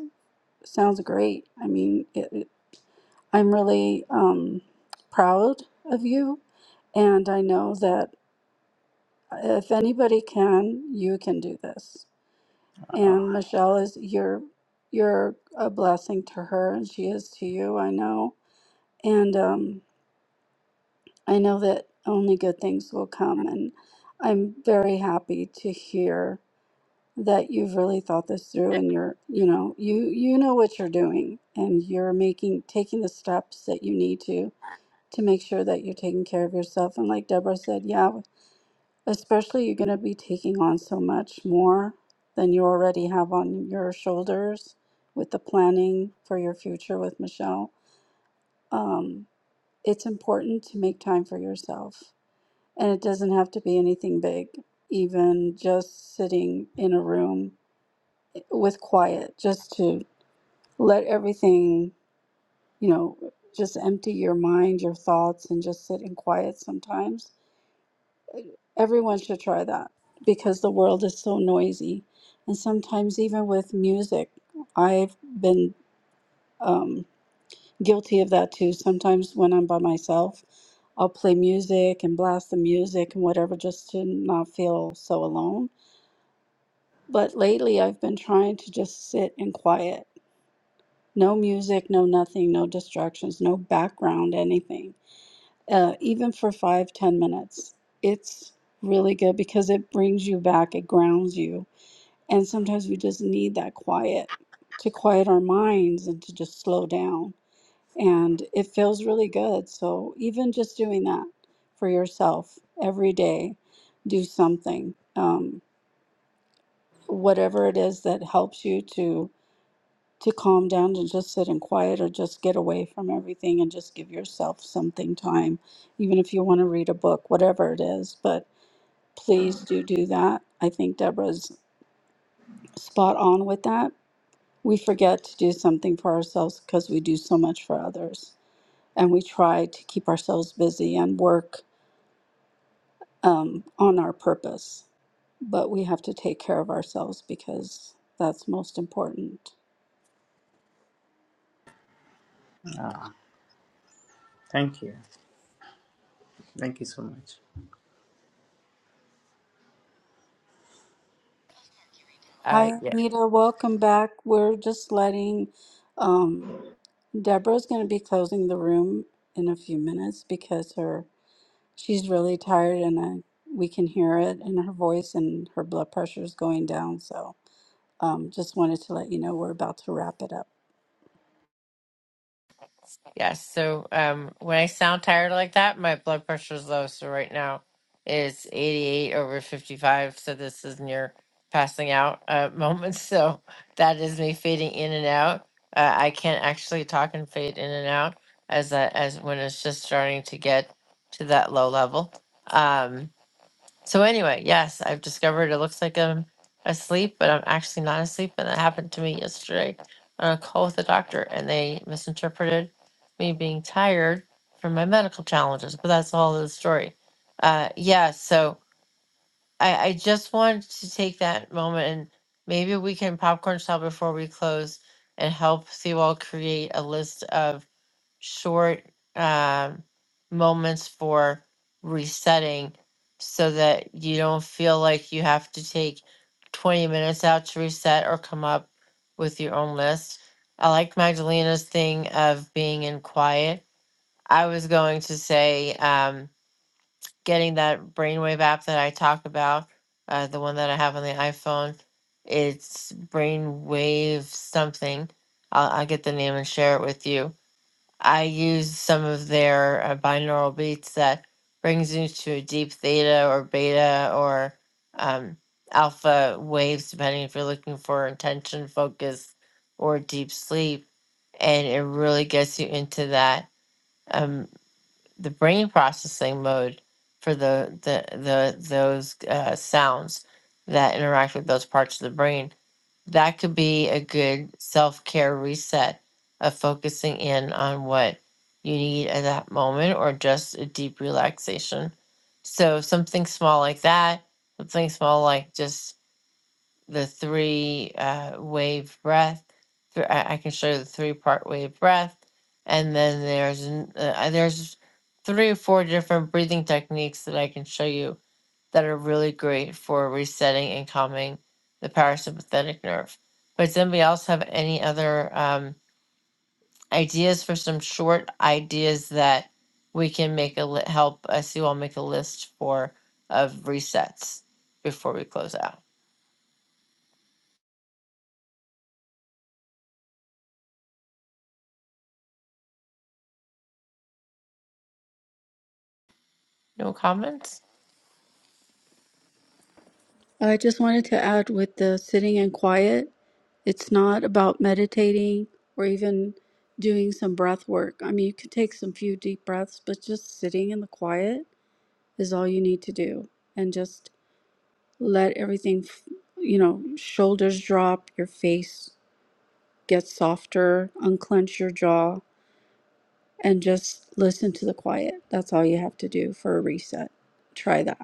D: sounds great. I mean, it, it- I'm really um, proud of you. And I know that if anybody can, you can do this.
F: Oh,
D: And Michelle is you're you're a blessing to her, and she is to you. I know. And um, I know that only good things will come, and I'm very happy to hear that you've really thought this through and you're you know you you know what you're doing and you're making taking the steps that you need to to make sure that you're taking care of yourself and like deborah said yeah especially you're going to be taking on so much more than you already have on your shoulders with the planning for your future with michelle um, it's important to make time for yourself and it doesn't have to be anything big, even just sitting in a room with quiet, just to let everything, you know, just empty your mind, your thoughts, and just sit in quiet sometimes. Everyone should try that because the world is so noisy. And sometimes, even with music, I've been um, guilty of that too. Sometimes when I'm by myself, I'll play music and blast the music and whatever just to not feel so alone But lately, I've been trying to just sit in quiet. No music, no nothing, no distractions, no background, anything. Uh, even for five, ten minutes. It's really good because it brings you back, it grounds you. And sometimes we just need that quiet to quiet our minds and to just slow down. And it feels really good. So, even just doing that for yourself every day, do something. Um, whatever it is that helps you to to calm down and just sit in quiet or just get away from everything and just give yourself something time, even if you want to read a book, whatever it is. But please do do that. I think Deborah's spot on with that. We forget to do something for ourselves because we do so much for others. And we try to keep ourselves busy and work um, on our purpose. But we have to take care of ourselves because that's most important.
F: oh, thank you. Thank you so much.
D: Hi, Anita. Welcome back. We're just letting um, Deborah's going to be closing the room in a few minutes because her she's really tired and I, we can hear it in her voice and her blood pressure is going down. So um, just wanted to let you know we're about to wrap it up.
A: Yes. So um, when I sound tired like that, my blood pressure is low. So right now it's 88 over 55. So this is near passing out uh, moments. So that is me fading in and out. Uh, I can't actually talk and fade in and out as I, as when it's just starting to get to that low level. Um, So anyway, yes, I've discovered it looks like I'm asleep, but I'm actually not asleep. And that happened to me yesterday on a call with the doctor, and they misinterpreted me being tired from my medical challenges. But that's all of the story. Uh, yeah. So I, I just wanted to take that moment, and maybe we can popcorn style before we close and help Sewall create a list of short um moments for resetting so that you don't feel like you have to take 20 minutes out to reset or come up with your own list. I like Magdalena's thing of being in quiet. I was going to say um, getting that brainwave app that I talk about, uh, the one that I have on the iPhone. It's brainwave something. I'll, I'll get the name and share it with you I use some of their uh, binaural beats that brings you to a deep theta or beta or um, alpha waves, depending if you're looking for intention, focus, or deep sleep. And it really gets you into that um, the brain processing mode for the the, the those uh, sounds that interact with those parts of the brain that could be a good self care reset of focusing in on what you need at that moment or just a deep relaxation. So, something small like that, something small like just the three uh, wave breath. th- I I can show you the three part wave breath. And then there's, an- uh, uh, there's three or four different breathing techniques that I can show you that are really great for resetting and calming the parasympathetic nerve. But does anybody else have any other um, ideas for some short ideas that we can make a li- help us you all make a list for of resets before we close out? No comments.
D: I just wanted to add with the sitting in quiet, it's not about meditating or even doing some breath work. I mean, you could take some few deep breaths, but just sitting in the quiet is all you need to do. And just let everything, f- you know, shoulders drop, your face get softer, unclench your jaw, and just listen to the quiet. That's all you have to do for a reset. Try that.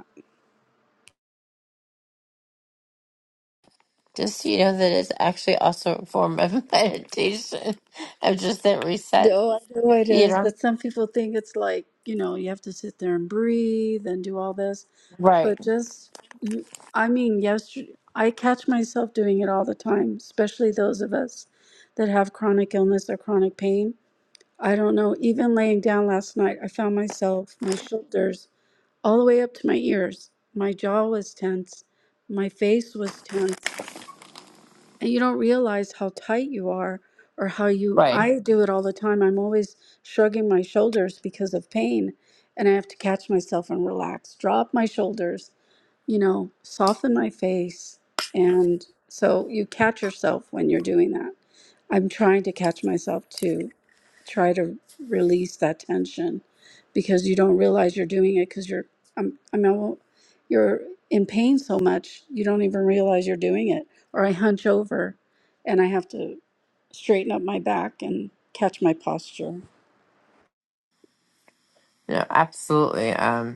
A: Just so you know that it's actually also a form of meditation. of just that reset.
D: No, I know it
A: You
D: is,
A: know.
D: but some people think it's like, you know, you have to sit there and breathe and do all this.
A: Right.
D: But just, you, I mean, yesterday, I catch myself doing it all the time, especially those of us that have chronic illness or chronic pain. I don't know, even laying down last night, I found myself, my shoulders all the way up to my ears. My jaw was tense, my face was tense and you don't realize how tight you are or how you
A: Right.
D: I do it all the time. I'm always shrugging my shoulders because of pain and I have to catch myself and relax, drop my shoulders you know, soften my face. And so you catch yourself when you're doing that. I'm trying to catch myself to try to release that tension because you don't realize you're doing it because you're, I'm, I mean, well, you're in pain so much, you don't even realize you're doing it. Or I hunch over and I have to straighten up my back and catch my posture.
A: No, absolutely. Um,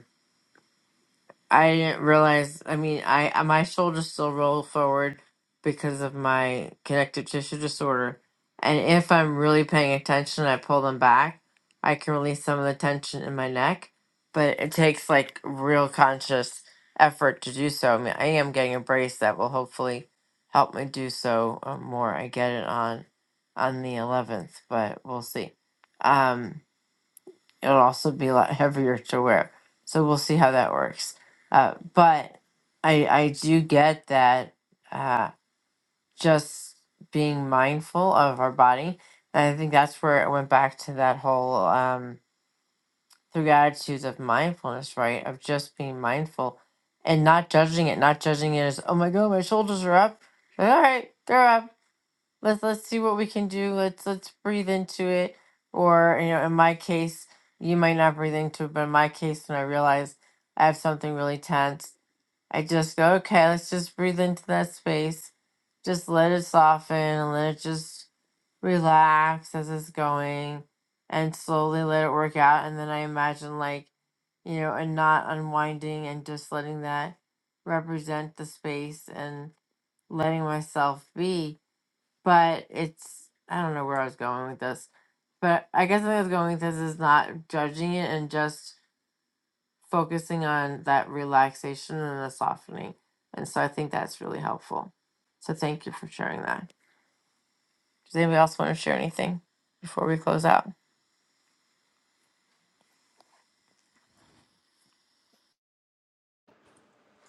A: I didn't realize. I mean, I I- my shoulders still roll forward because of my connective tissue disorder, and if I'm really paying attention, I pull them back. I can release some of the tension in my neck, but it takes like real conscious effort to do so. I mean, I am getting a brace that will hopefully help me do so uh, more. I get it on on the 11th, but we'll see. Um, it'll also be a lot heavier to wear. So we'll see how that works. Uh, but I I do get that uh, just being mindful of our body. And I think that's where it went back to that whole um, through attitudes of mindfulness, right? Of just being mindful and not judging it, not judging it as, oh my God, my shoulders are up. Like, All right, they're up let's let's see what we can do. Let's let's breathe into it. Or you know, in my case, you might not breathe into it, but in my case, when I realize I have something really tense, I just go, okay, let's just breathe into that space. Just let it soften and let it just relax as it's going, and slowly let it work out. And then I imagine like you know, and not unwinding and just letting that represent the space and letting myself be but it's I don't know where I was going with this, but I guess I was going with this is not judging it and just focusing on that relaxation and the softening, and so I think that's really helpful. So thank you for sharing that. Does anybody else want to share anything before we close out?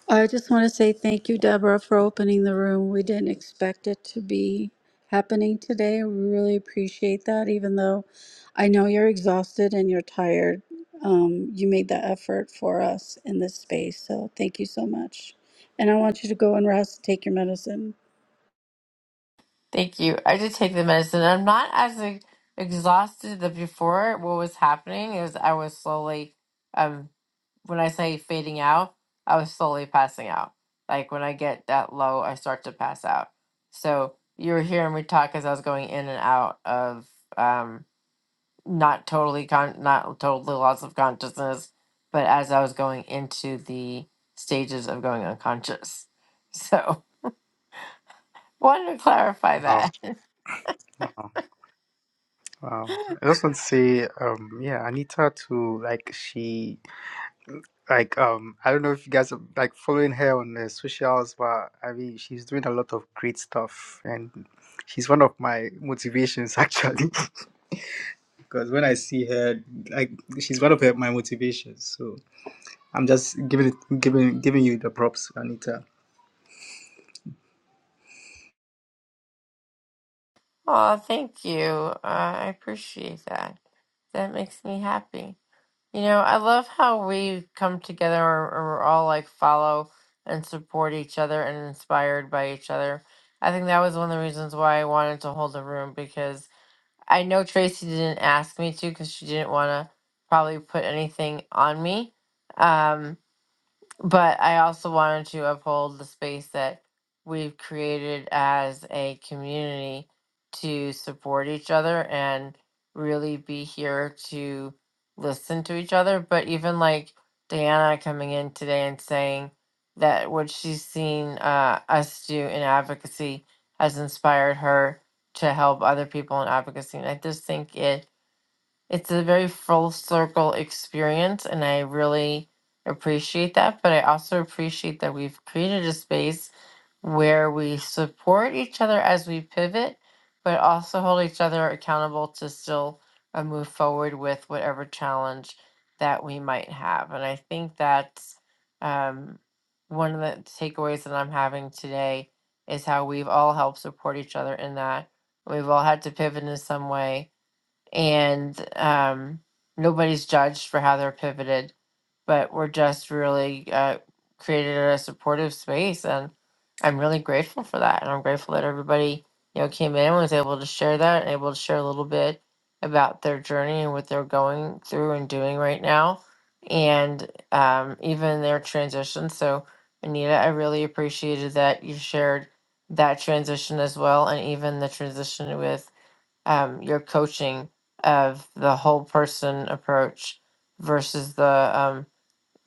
D: I just want to say thank you, Deborah, for opening the room. We didn't expect it to be happening today. We really appreciate that, even though I know you're exhausted and you're tired. Um, you made that effort for us in this space. So thank you so much. And I want you to go and rest, take your medicine.
A: Thank you. I did take the medicine. I'm not as e- exhausted as before. What was happening is I was slowly. um. when I say fading out, I was slowly passing out. Like when I get that low, I start to pass out. So you were hearing me talk as I was going in and out of um, not totally con- not totally loss of consciousness, but as I was going into the stages of going unconscious. So wanted to clarify
F: Wow.
A: that.
F: Wow. Wow. I just want to say, um, yeah, Anita too, like she like um I don't know if you guys are like following her on the socials, but I mean she's doing a lot of great stuff and she's one of my motivations actually. Because when I see her like she's one of her, my motivations. So I'm just giving it giving giving you the props, Anita.
A: Oh, thank you. Uh, I appreciate that. That makes me happy. You know, I love how we come together and and we're all like follow and support each other and inspired by each other. I think that was one of the reasons why I wanted to hold the room because I know Tracy didn't ask me to because she didn't want to probably put anything on me. Um, but I also wanted to uphold the space that we've created as a community to support each other and really be here to listen to each other. But even like Diana coming in today and saying that what she's seen uh, us do in advocacy has inspired her to help other people in advocacy. And I just think it it's a very full circle experience and i really appreciate that but i also appreciate that we've created a space where we support each other as we pivot but also hold each other accountable to still uh, move forward with whatever challenge that we might have and i think that's um, one of the takeaways that i'm having today is how we've all helped support each other in that we've all had to pivot in some way and um, nobody's judged for how they're pivoted, but we're just really uh, created a supportive space, and I'm really grateful for that, and I'm grateful that everybody you know came in and was able to share that, and able to share a little bit about their journey and what they're going through and doing right now, and um, even their transition. So, Anita, I really appreciated that you shared that transition as well, and even the transition with um, your coaching of the whole person approach versus the um,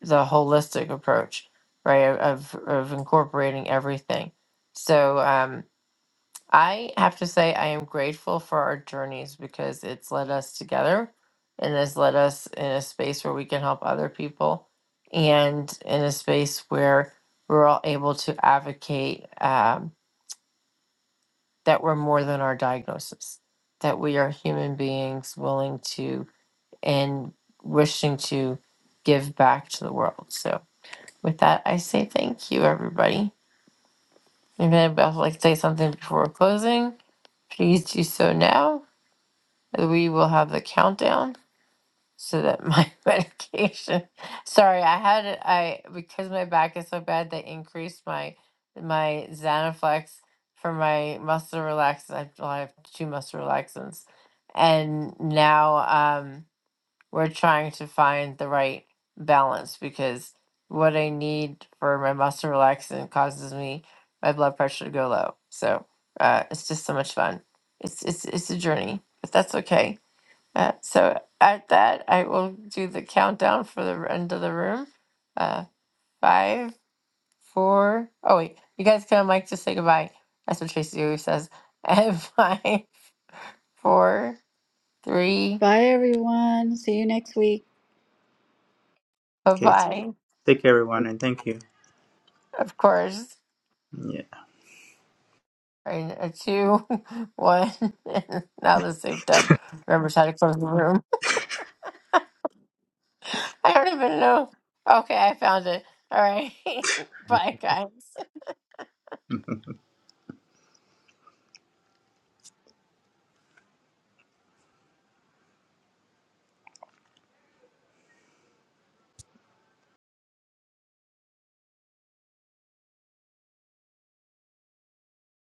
A: the holistic approach, right? Of of incorporating everything. So um, I have to say I am grateful for our journeys because it's led us together and has led us in a space where we can help other people and in a space where we're all able to advocate Um that we're more than our diagnosis, that we are human beings willing to and wishing to give back to the world. So, with that, I say thank you, everybody. If anybody else would like to say something before closing, please do so now. We will have the countdown so that my medication sorry i had it i because my back is so bad they increased my my xanaflex for my muscle relaxants i well, I have two muscle relaxants and now um we're trying to find the right balance because what i need for my muscle relaxant causes me my blood pressure to go low so uh it's just so much fun it's it's it's a journey but that's okay uh, so at that, I will do the countdown for the end of the room. Uh, five, four. Oh wait, you guys can on mic to say goodbye. That's what Tracy always says. And five, four, three,
D: Bye, everyone. See you next week.
A: bye
F: Okay, t-
A: bye.
F: take care, everyone, and thank you.
A: Of course. And a two, one. And now the same time remembers how to close the room. I don't even know. Okay, I found it. All right.
F: Yeah.
A: bye, guys.